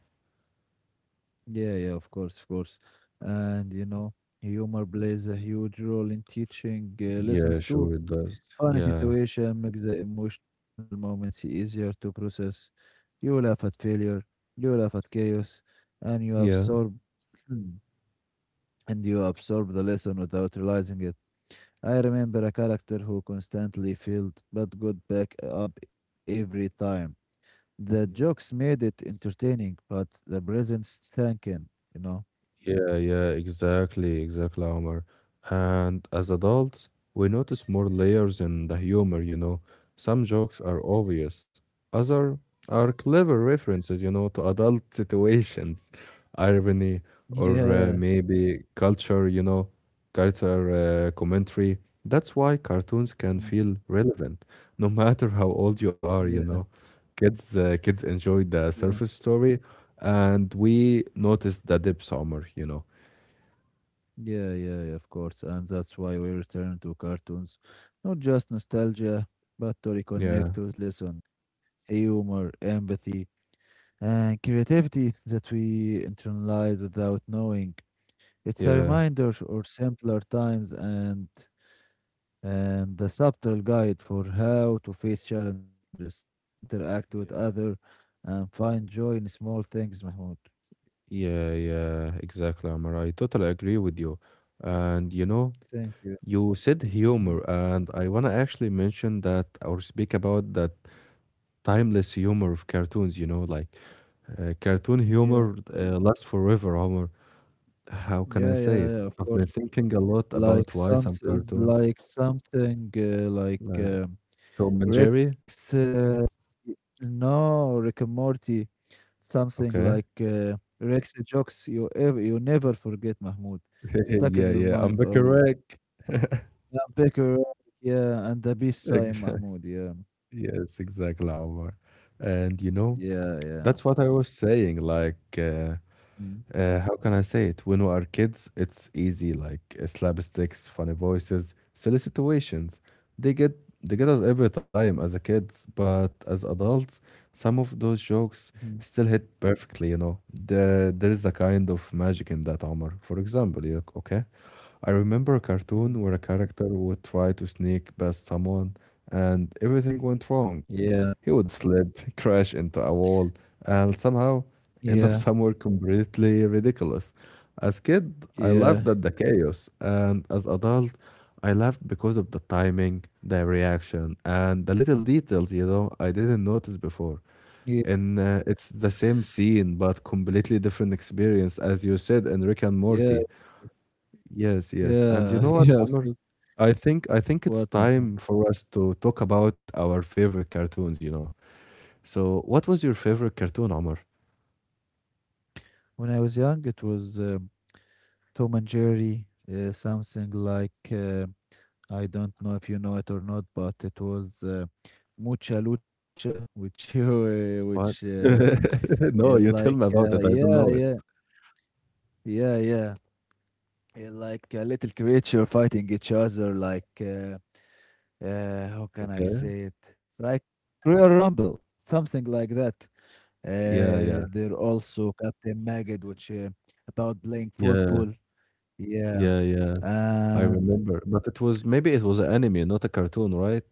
Speaker 2: Yeah, yeah, of course, of course. And, humor plays a huge role in teaching
Speaker 1: Yeah,
Speaker 2: lessons too.
Speaker 1: sure it does.
Speaker 2: Funny
Speaker 1: Yeah.
Speaker 2: situation makes the emotional moments easier to process. You laugh at failure, you laugh at chaos, and you
Speaker 1: Yeah.
Speaker 2: absorb *clears throat* and you absorb the lesson without realizing it. I remember a character who constantly failed but got back up every time. The jokes made it entertaining, but the presence sank in, you know?
Speaker 1: Yeah, yeah, exactly, exactly, Omar. And as adults, we notice more layers in the humor, you know. Some jokes are obvious, other are clever references, you know, to adult situations, *laughs* irony, or
Speaker 2: Yeah.
Speaker 1: maybe culture, you know, culture commentary. That's why cartoons can
Speaker 2: Mm.
Speaker 1: feel relevant, no *laughs* matter how old you are,
Speaker 2: Yeah.
Speaker 1: you know. Kids enjoy the
Speaker 2: Yeah.
Speaker 1: surface story, and we noticed the dips, Omar, you know.
Speaker 2: Yeah, yeah, yeah, of course. And that's why we return to cartoons, not just nostalgia, but to
Speaker 1: Yeah,
Speaker 2: reconnect with lesson, humor, empathy, and creativity that we internalize without knowing. It's a
Speaker 1: yeah.
Speaker 2: reminder or simpler times and a subtle guide for how to face challenges, interact with other,
Speaker 1: Yeah.
Speaker 2: and find joy in small things, Mahmoud.
Speaker 1: Yeah, yeah, exactly, Amar. I totally agree with you. And you know,
Speaker 2: Thank you.
Speaker 1: you said
Speaker 2: Mhm.
Speaker 1: humor, and I want to actually mention that or speak about that timeless humor of cartoons, you know, like cartoon
Speaker 2: Yeah,
Speaker 1: humor lasts forever, Homer. How can I
Speaker 2: yeah,
Speaker 1: say
Speaker 2: yeah,
Speaker 1: it?
Speaker 2: yeah, of
Speaker 1: I've
Speaker 2: course.
Speaker 1: been thinking a lot
Speaker 2: Like
Speaker 1: about why
Speaker 2: some,
Speaker 1: some
Speaker 2: is
Speaker 1: cartoons,
Speaker 2: like something, like,
Speaker 1: uh, Tom and Jerry,
Speaker 2: Rex, y no, Rick and Morty, something like,
Speaker 1: okay.
Speaker 2: Rex jokes you never forget, Mahmoud,
Speaker 1: *laughs*
Speaker 2: stuck in
Speaker 1: Yeah,
Speaker 2: your
Speaker 1: yeah, I'm
Speaker 2: mind always.
Speaker 1: correct.
Speaker 2: Yeah, Picker, yeah, and the peace sign,
Speaker 1: *laughs*
Speaker 2: Mahmoud, yeah.
Speaker 1: Yes, exactly, Omar. And you know,
Speaker 2: Yeah, yeah.
Speaker 1: that's what I was saying. Like,
Speaker 2: Mm,
Speaker 1: how can I say it? When we are kids, it's easy. Like slapsticks, funny voices, silly situations. They get they get us every time as a kids, but as adults, some of those jokes
Speaker 2: mhm,
Speaker 1: still hit perfectly. You know, there is a kind of magic in that, Omar. For example, you okay? I remember a
Speaker 2: mm.
Speaker 1: cartoon where a character would try to sneak past someone and everything went wrong.
Speaker 2: Yeah,
Speaker 1: He would slip, *laughs* crash into a wall, and somehow
Speaker 2: yeah,
Speaker 1: end up somewhere completely ridiculous. As kid, I
Speaker 2: yeah,
Speaker 1: laughed at the chaos, and as adult, I laughed because of the timing, the reaction, and the little details, you know, I didn't notice before.
Speaker 2: ye
Speaker 1: And it's the same scene, but completely different experience, as you said in Rick and
Speaker 2: yeah,
Speaker 1: Morty. Yes, yes. And you
Speaker 2: yeah,
Speaker 1: know
Speaker 2: *laughs*
Speaker 1: what,
Speaker 2: yeah,
Speaker 1: Amr?
Speaker 2: absolutely.
Speaker 1: I think it's
Speaker 2: What, Mahmoud?
Speaker 1: time for us to talk about our favorite cartoons, you know. So what was your favorite cartoon, Omar?
Speaker 2: When I was young, it was, Tom and Jerry, something like I don't know if you know it or not, but it was Mucha Lucha, which *laughs* which
Speaker 1: What?
Speaker 2: yeah,
Speaker 1: *laughs* No,
Speaker 2: like
Speaker 1: you tell me about it. I
Speaker 2: yeah,
Speaker 1: don't know
Speaker 2: yeah,
Speaker 1: it.
Speaker 2: yeah, yeah, yeah, like a little creature fighting each other, like how can I
Speaker 1: Okay.
Speaker 2: say it? Like Royal Rumble, something like that.
Speaker 1: Yeah, yeah.
Speaker 2: There also Captain Maggot, which about playing
Speaker 1: Yeah.
Speaker 2: football.
Speaker 1: Yeah,
Speaker 2: Yeah,
Speaker 1: yeah. I remember.
Speaker 2: and
Speaker 1: But it was maybe it was an anime, not a cartoon, right?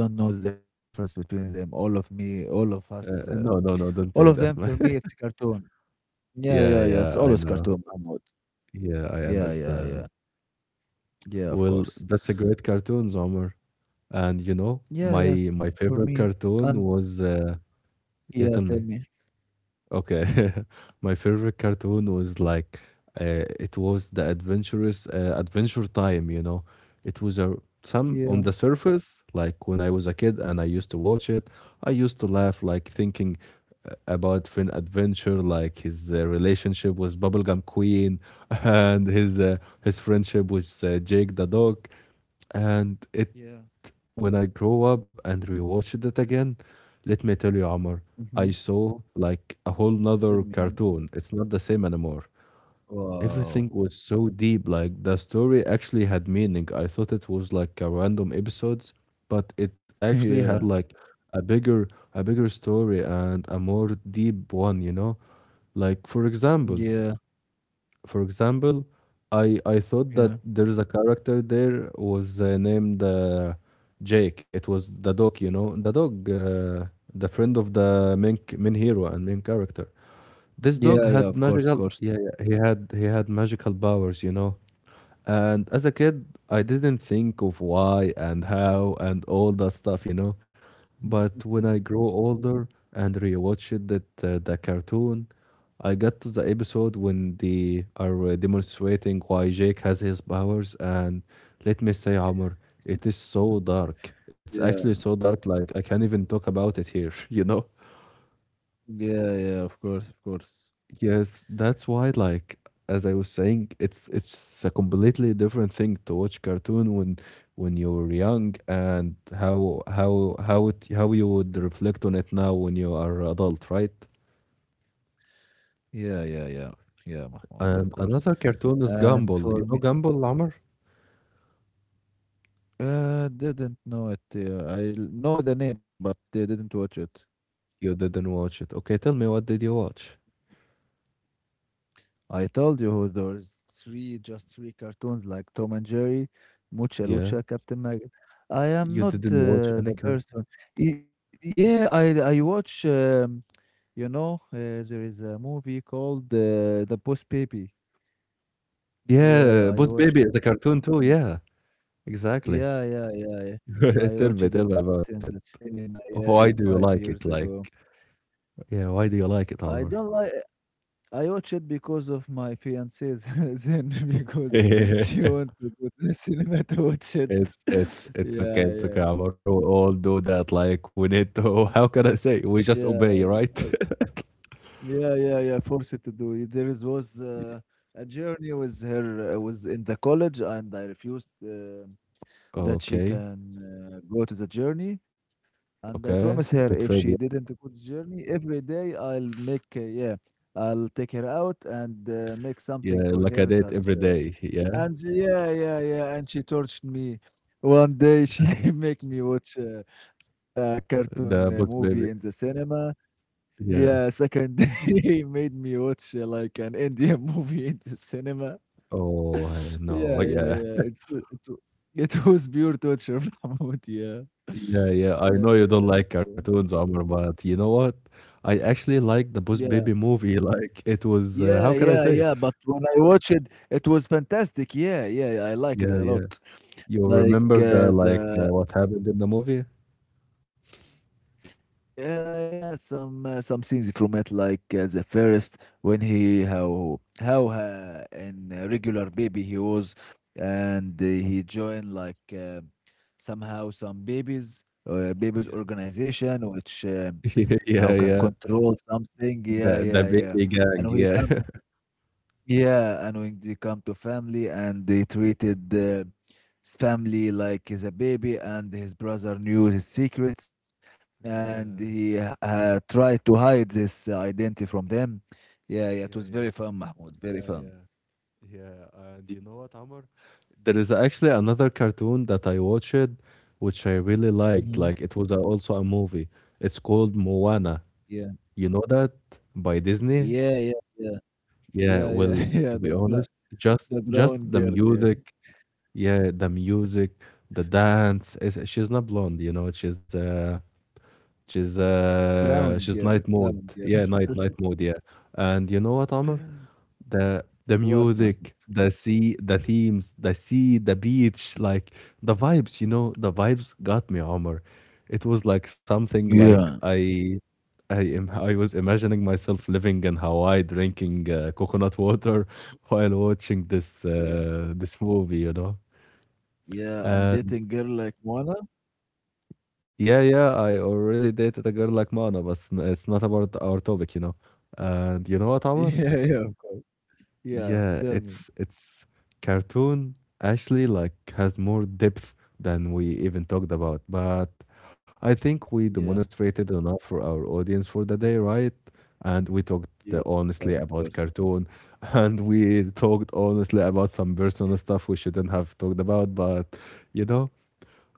Speaker 2: I don't know the difference between them. All of me, all of us,
Speaker 1: No,
Speaker 2: uh,
Speaker 1: no, no, don't say
Speaker 2: all of
Speaker 1: that,
Speaker 2: them
Speaker 1: man.
Speaker 2: for me,
Speaker 1: *laughs*
Speaker 2: it's cartoon.
Speaker 1: Yeah,
Speaker 2: Yeah, yeah,
Speaker 1: yeah,
Speaker 2: yeah.
Speaker 1: I
Speaker 2: It's
Speaker 1: know.
Speaker 2: always cartoon, Mahmoud.
Speaker 1: Yeah, I
Speaker 2: Yeah,
Speaker 1: understand.
Speaker 2: yeah, yeah. Yeah,
Speaker 1: Well,
Speaker 2: of
Speaker 1: that's
Speaker 2: course.
Speaker 1: a great cartoon, Omar. And you know, my
Speaker 2: Yeah, yeah,
Speaker 1: my
Speaker 2: for
Speaker 1: favorite
Speaker 2: me. And
Speaker 1: cartoon was
Speaker 2: yeah,
Speaker 1: yeah, tell
Speaker 2: tell
Speaker 1: me.
Speaker 2: me.
Speaker 1: Okay, *laughs* my favorite cartoon was like it was the adventurous Adventure Time. You know, it was a some on the
Speaker 2: Yeah,
Speaker 1: surface like when I was a kid and I used to watch it, I used to laugh like thinking about Finn Adventure, like his relationship with Bubblegum Queen *laughs* and his friendship with Jake the dog, and it
Speaker 2: yeah.
Speaker 1: when I grow up and rewatched it again, let me tell you, Amr,
Speaker 2: Mm-hmm.
Speaker 1: I saw like a whole
Speaker 2: Tell
Speaker 1: nother
Speaker 2: me.
Speaker 1: cartoon. It's not the same anymore. Everything
Speaker 2: Wow.
Speaker 1: was so deep. Like the story actually had meaning. I thought it was like a random episodes, but it
Speaker 2: *laughs*
Speaker 1: actually had
Speaker 2: Yeah,
Speaker 1: like a bigger, a bigger story and a more deep one. You know, like
Speaker 2: yeah,
Speaker 1: for example, I thought
Speaker 2: yeah.
Speaker 1: that there is a character there was named Jake. It was the dog, you know, the dog, the friend of the main main hero and main character. This
Speaker 2: Yeah,
Speaker 1: dog
Speaker 2: yeah, of
Speaker 1: had
Speaker 2: course, of
Speaker 1: magical,
Speaker 2: course. *laughs*
Speaker 1: yeah, yeah, he had magical powers, you know. And as a kid, I didn't think of why and how and all that stuff, you know.
Speaker 2: Mhm,
Speaker 1: But
Speaker 2: mhm,
Speaker 1: when I grew older and rewatched that the cartoon, I got to the episode when they are demonstrating why Jake has his powers. And let me say, Omar, it is so
Speaker 2: mhm.
Speaker 1: dark. It's actually
Speaker 2: Yeah,
Speaker 1: so dark, like I can't even talk about it here, *laughs* you know?
Speaker 2: yeah, yeah, of course, of course.
Speaker 1: Yes, that's why, like, as I was saying, it's a completely different thing to watch cartoon when you were young and how you would reflect on it now when you are adult, right?
Speaker 2: Yeah, yeah, yeah. Yeah, Mahmoud, of
Speaker 1: And
Speaker 2: course.
Speaker 1: another cartoon is
Speaker 2: And
Speaker 1: Gumball.
Speaker 2: for
Speaker 1: You know
Speaker 2: me,
Speaker 1: Gumball, Lamar?
Speaker 2: Didn't know it. Yeah. I know the name, but they didn't watch it.
Speaker 1: You didn't watch it. Okay, tell me what did you watch?
Speaker 2: I told you there was three, just three cartoons like Tom and Jerry, Mucha
Speaker 1: Yeah,
Speaker 2: Lucha, Captain Maggot. I am
Speaker 1: you
Speaker 2: not
Speaker 1: didn't watch any
Speaker 2: the
Speaker 1: cartoon.
Speaker 2: person. Yeah, I watch. You know, uh, there is a movie called The Boss Baby. Yeah,
Speaker 1: Yeah,
Speaker 2: I
Speaker 1: Boss
Speaker 2: watch
Speaker 1: Baby
Speaker 2: it.
Speaker 1: is a cartoon too.
Speaker 2: Mm,
Speaker 1: Yeah, exactly.
Speaker 2: yeah, yeah, yeah, yeah.
Speaker 1: *laughs*
Speaker 2: I watched
Speaker 1: Tell
Speaker 2: it
Speaker 1: me
Speaker 2: in the
Speaker 1: about it.
Speaker 2: cinema. Yeah,
Speaker 1: Why do
Speaker 2: five
Speaker 1: you
Speaker 2: years
Speaker 1: like it?
Speaker 2: ago.
Speaker 1: Like. Yeah, why do you like it,
Speaker 2: I
Speaker 1: Amr?
Speaker 2: don't like. I watched it because of my fiancee's *laughs* then because she want
Speaker 1: *laughs*
Speaker 2: to go to the cinema to watch it.
Speaker 1: It's
Speaker 2: *laughs*
Speaker 1: it's it's
Speaker 2: Yeah,
Speaker 1: okay, it's
Speaker 2: yeah,
Speaker 1: okay, Amr. We all do that. Like we need to. *laughs* How can I say?
Speaker 2: yeah,
Speaker 1: We just obey,
Speaker 2: uh,
Speaker 1: right? *laughs*
Speaker 2: yeah, yeah, yeah. Forced to do it. There is was a journey with her I was in the college, and I refused that she
Speaker 1: Okay,
Speaker 2: can go to the journey. And I promise her
Speaker 1: okay.
Speaker 2: if
Speaker 1: The
Speaker 2: she didn't
Speaker 1: trivia.
Speaker 2: go to the journey every day, I'll make yeah, I'll take her out and make something
Speaker 1: Yeah,
Speaker 2: for
Speaker 1: like I
Speaker 2: her
Speaker 1: did
Speaker 2: that.
Speaker 1: every day. Yeah,
Speaker 2: And yeah, yeah, yeah, and she tortured me. One day she *laughs* make me watch a cartoon
Speaker 1: the bus
Speaker 2: movie in the
Speaker 1: baby.
Speaker 2: cinema. Yeah,
Speaker 1: Yeah.
Speaker 2: second day *laughs* he made me watch like an Indian *laughs* movie in the cinema.
Speaker 1: Oh no.
Speaker 2: Yeah, yeah,
Speaker 1: Yeah.
Speaker 2: yeah. It *laughs* was pure torture, *laughs* Mahmoud. Yeah,
Speaker 1: Yeah, yeah. I know
Speaker 2: yeah,
Speaker 1: you don't like
Speaker 2: yeah,
Speaker 1: cartoons, Omar, but you know what? I actually like the Bus
Speaker 2: yeah,
Speaker 1: Baby movie. *laughs* Like it was.
Speaker 2: yeah,
Speaker 1: How can I
Speaker 2: yeah,
Speaker 1: say it?
Speaker 2: yeah. But when I watched it, it was fantastic. Yeah, yeah, I like it
Speaker 1: Yeah,
Speaker 2: a
Speaker 1: yeah.
Speaker 2: lot.
Speaker 1: You
Speaker 2: Like
Speaker 1: remember the like
Speaker 2: the
Speaker 1: what happened in the movie?
Speaker 2: Yeah, yeah, some scenes from it, like the first when he how in a regular baby he was, and he joined like somehow some babies
Speaker 1: Yeah. *laughs*
Speaker 2: organization which
Speaker 1: Yeah, yeah,
Speaker 2: how can
Speaker 1: yeah.
Speaker 2: control something. Yeah,
Speaker 1: The
Speaker 2: yeah, yeah.
Speaker 1: baby gang,
Speaker 2: And he come
Speaker 1: yeah. *laughs*
Speaker 2: yeah, and when they come to family and they treated family like he's a baby, and his brother knew his secrets, and
Speaker 1: Yeah,
Speaker 2: he tried to hide this identity from them. Yeah,
Speaker 1: yeah,
Speaker 2: yeah, it
Speaker 1: yeah,
Speaker 2: was very fun, Mahmoud.
Speaker 1: yeah,
Speaker 2: Very
Speaker 1: yeah,
Speaker 2: fun.
Speaker 1: yeah. And you know what, Amr? There is actually another cartoon that I watched, which I really liked. Like
Speaker 2: Hmm.
Speaker 1: it was a, also a movie. It's called Moana.
Speaker 2: Yeah,
Speaker 1: You know that by Disney?
Speaker 2: yeah, yeah, yeah,
Speaker 1: Yeah.
Speaker 2: yeah, yeah,
Speaker 1: Well,
Speaker 2: *laughs* yeah.
Speaker 1: to
Speaker 2: The
Speaker 1: be
Speaker 2: bra
Speaker 1: honest,
Speaker 2: the
Speaker 1: just
Speaker 2: brown
Speaker 1: the
Speaker 2: girl, yeah,
Speaker 1: music. Yeah, the music, the dance. Is she's not blonde, you know.
Speaker 2: brown girl,
Speaker 1: She's night
Speaker 2: brown
Speaker 1: mode.
Speaker 2: girl.
Speaker 1: Yeah, night night mode, yeah. And you know what, Amr?
Speaker 2: *laughs*
Speaker 1: The
Speaker 2: What, Mahmoud?
Speaker 1: music, the sea, the themes, the sea, the beach, like the vibes, you know, the vibes got me, Amr. It was like something
Speaker 2: Yeah.
Speaker 1: like I was imagining myself living in Hawaii drinking coconut water *laughs* while watching
Speaker 2: Yeah,
Speaker 1: this movie, you know.
Speaker 2: yeah, and dating
Speaker 1: And
Speaker 2: girl like Moana? *laughs*
Speaker 1: yeah, yeah, I already dated a girl like Mana, but it's not about our topic, you know. And you know what,
Speaker 2: Yeah,
Speaker 1: Amr?
Speaker 2: yeah, of course. Yeah,
Speaker 1: Yeah,
Speaker 2: tell me.
Speaker 1: it's cartoon actually like has more depth than we even talked about. But I think we
Speaker 2: Yeah,
Speaker 1: demonstrated enough for our audience for the day, right? And we talked
Speaker 2: yeah, of course,
Speaker 1: honestly
Speaker 2: of course.
Speaker 1: about cartoon, *laughs* and we talked honestly about some personal stuff we shouldn't have talked about. But you know.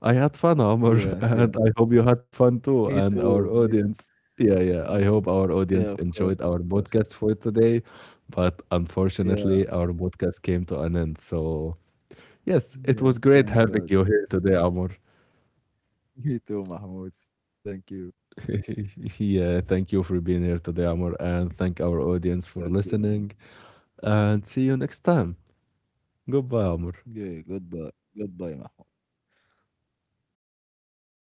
Speaker 1: I had fun, Omar,
Speaker 2: Yeah,
Speaker 1: *laughs*
Speaker 2: tell.
Speaker 1: and I hope you had fun
Speaker 2: Me
Speaker 1: too, and
Speaker 2: too. Me,
Speaker 1: our
Speaker 2: too,
Speaker 1: audience. Yeah,
Speaker 2: me
Speaker 1: yeah. I
Speaker 2: too.
Speaker 1: hope our
Speaker 2: Yeah, of
Speaker 1: audience
Speaker 2: course, of
Speaker 1: enjoyed our
Speaker 2: course.
Speaker 1: podcast for today, but
Speaker 2: Yeah,
Speaker 1: unfortunately, our podcast came to an end. So, yes, it
Speaker 2: yeah.
Speaker 1: was great
Speaker 2: Thank
Speaker 1: having
Speaker 2: God.
Speaker 1: you here today, Amor.
Speaker 2: *laughs* Me too, Mahmoud. Thank you.
Speaker 1: *laughs* Yeah, thank you for being here today, Amor, and thank our
Speaker 2: Thank
Speaker 1: audience for
Speaker 2: you. Mohammed.
Speaker 1: listening. And see you next time. Goodbye, Amor.
Speaker 2: Yeah. Goodbye. Goodbye, Mahmoud.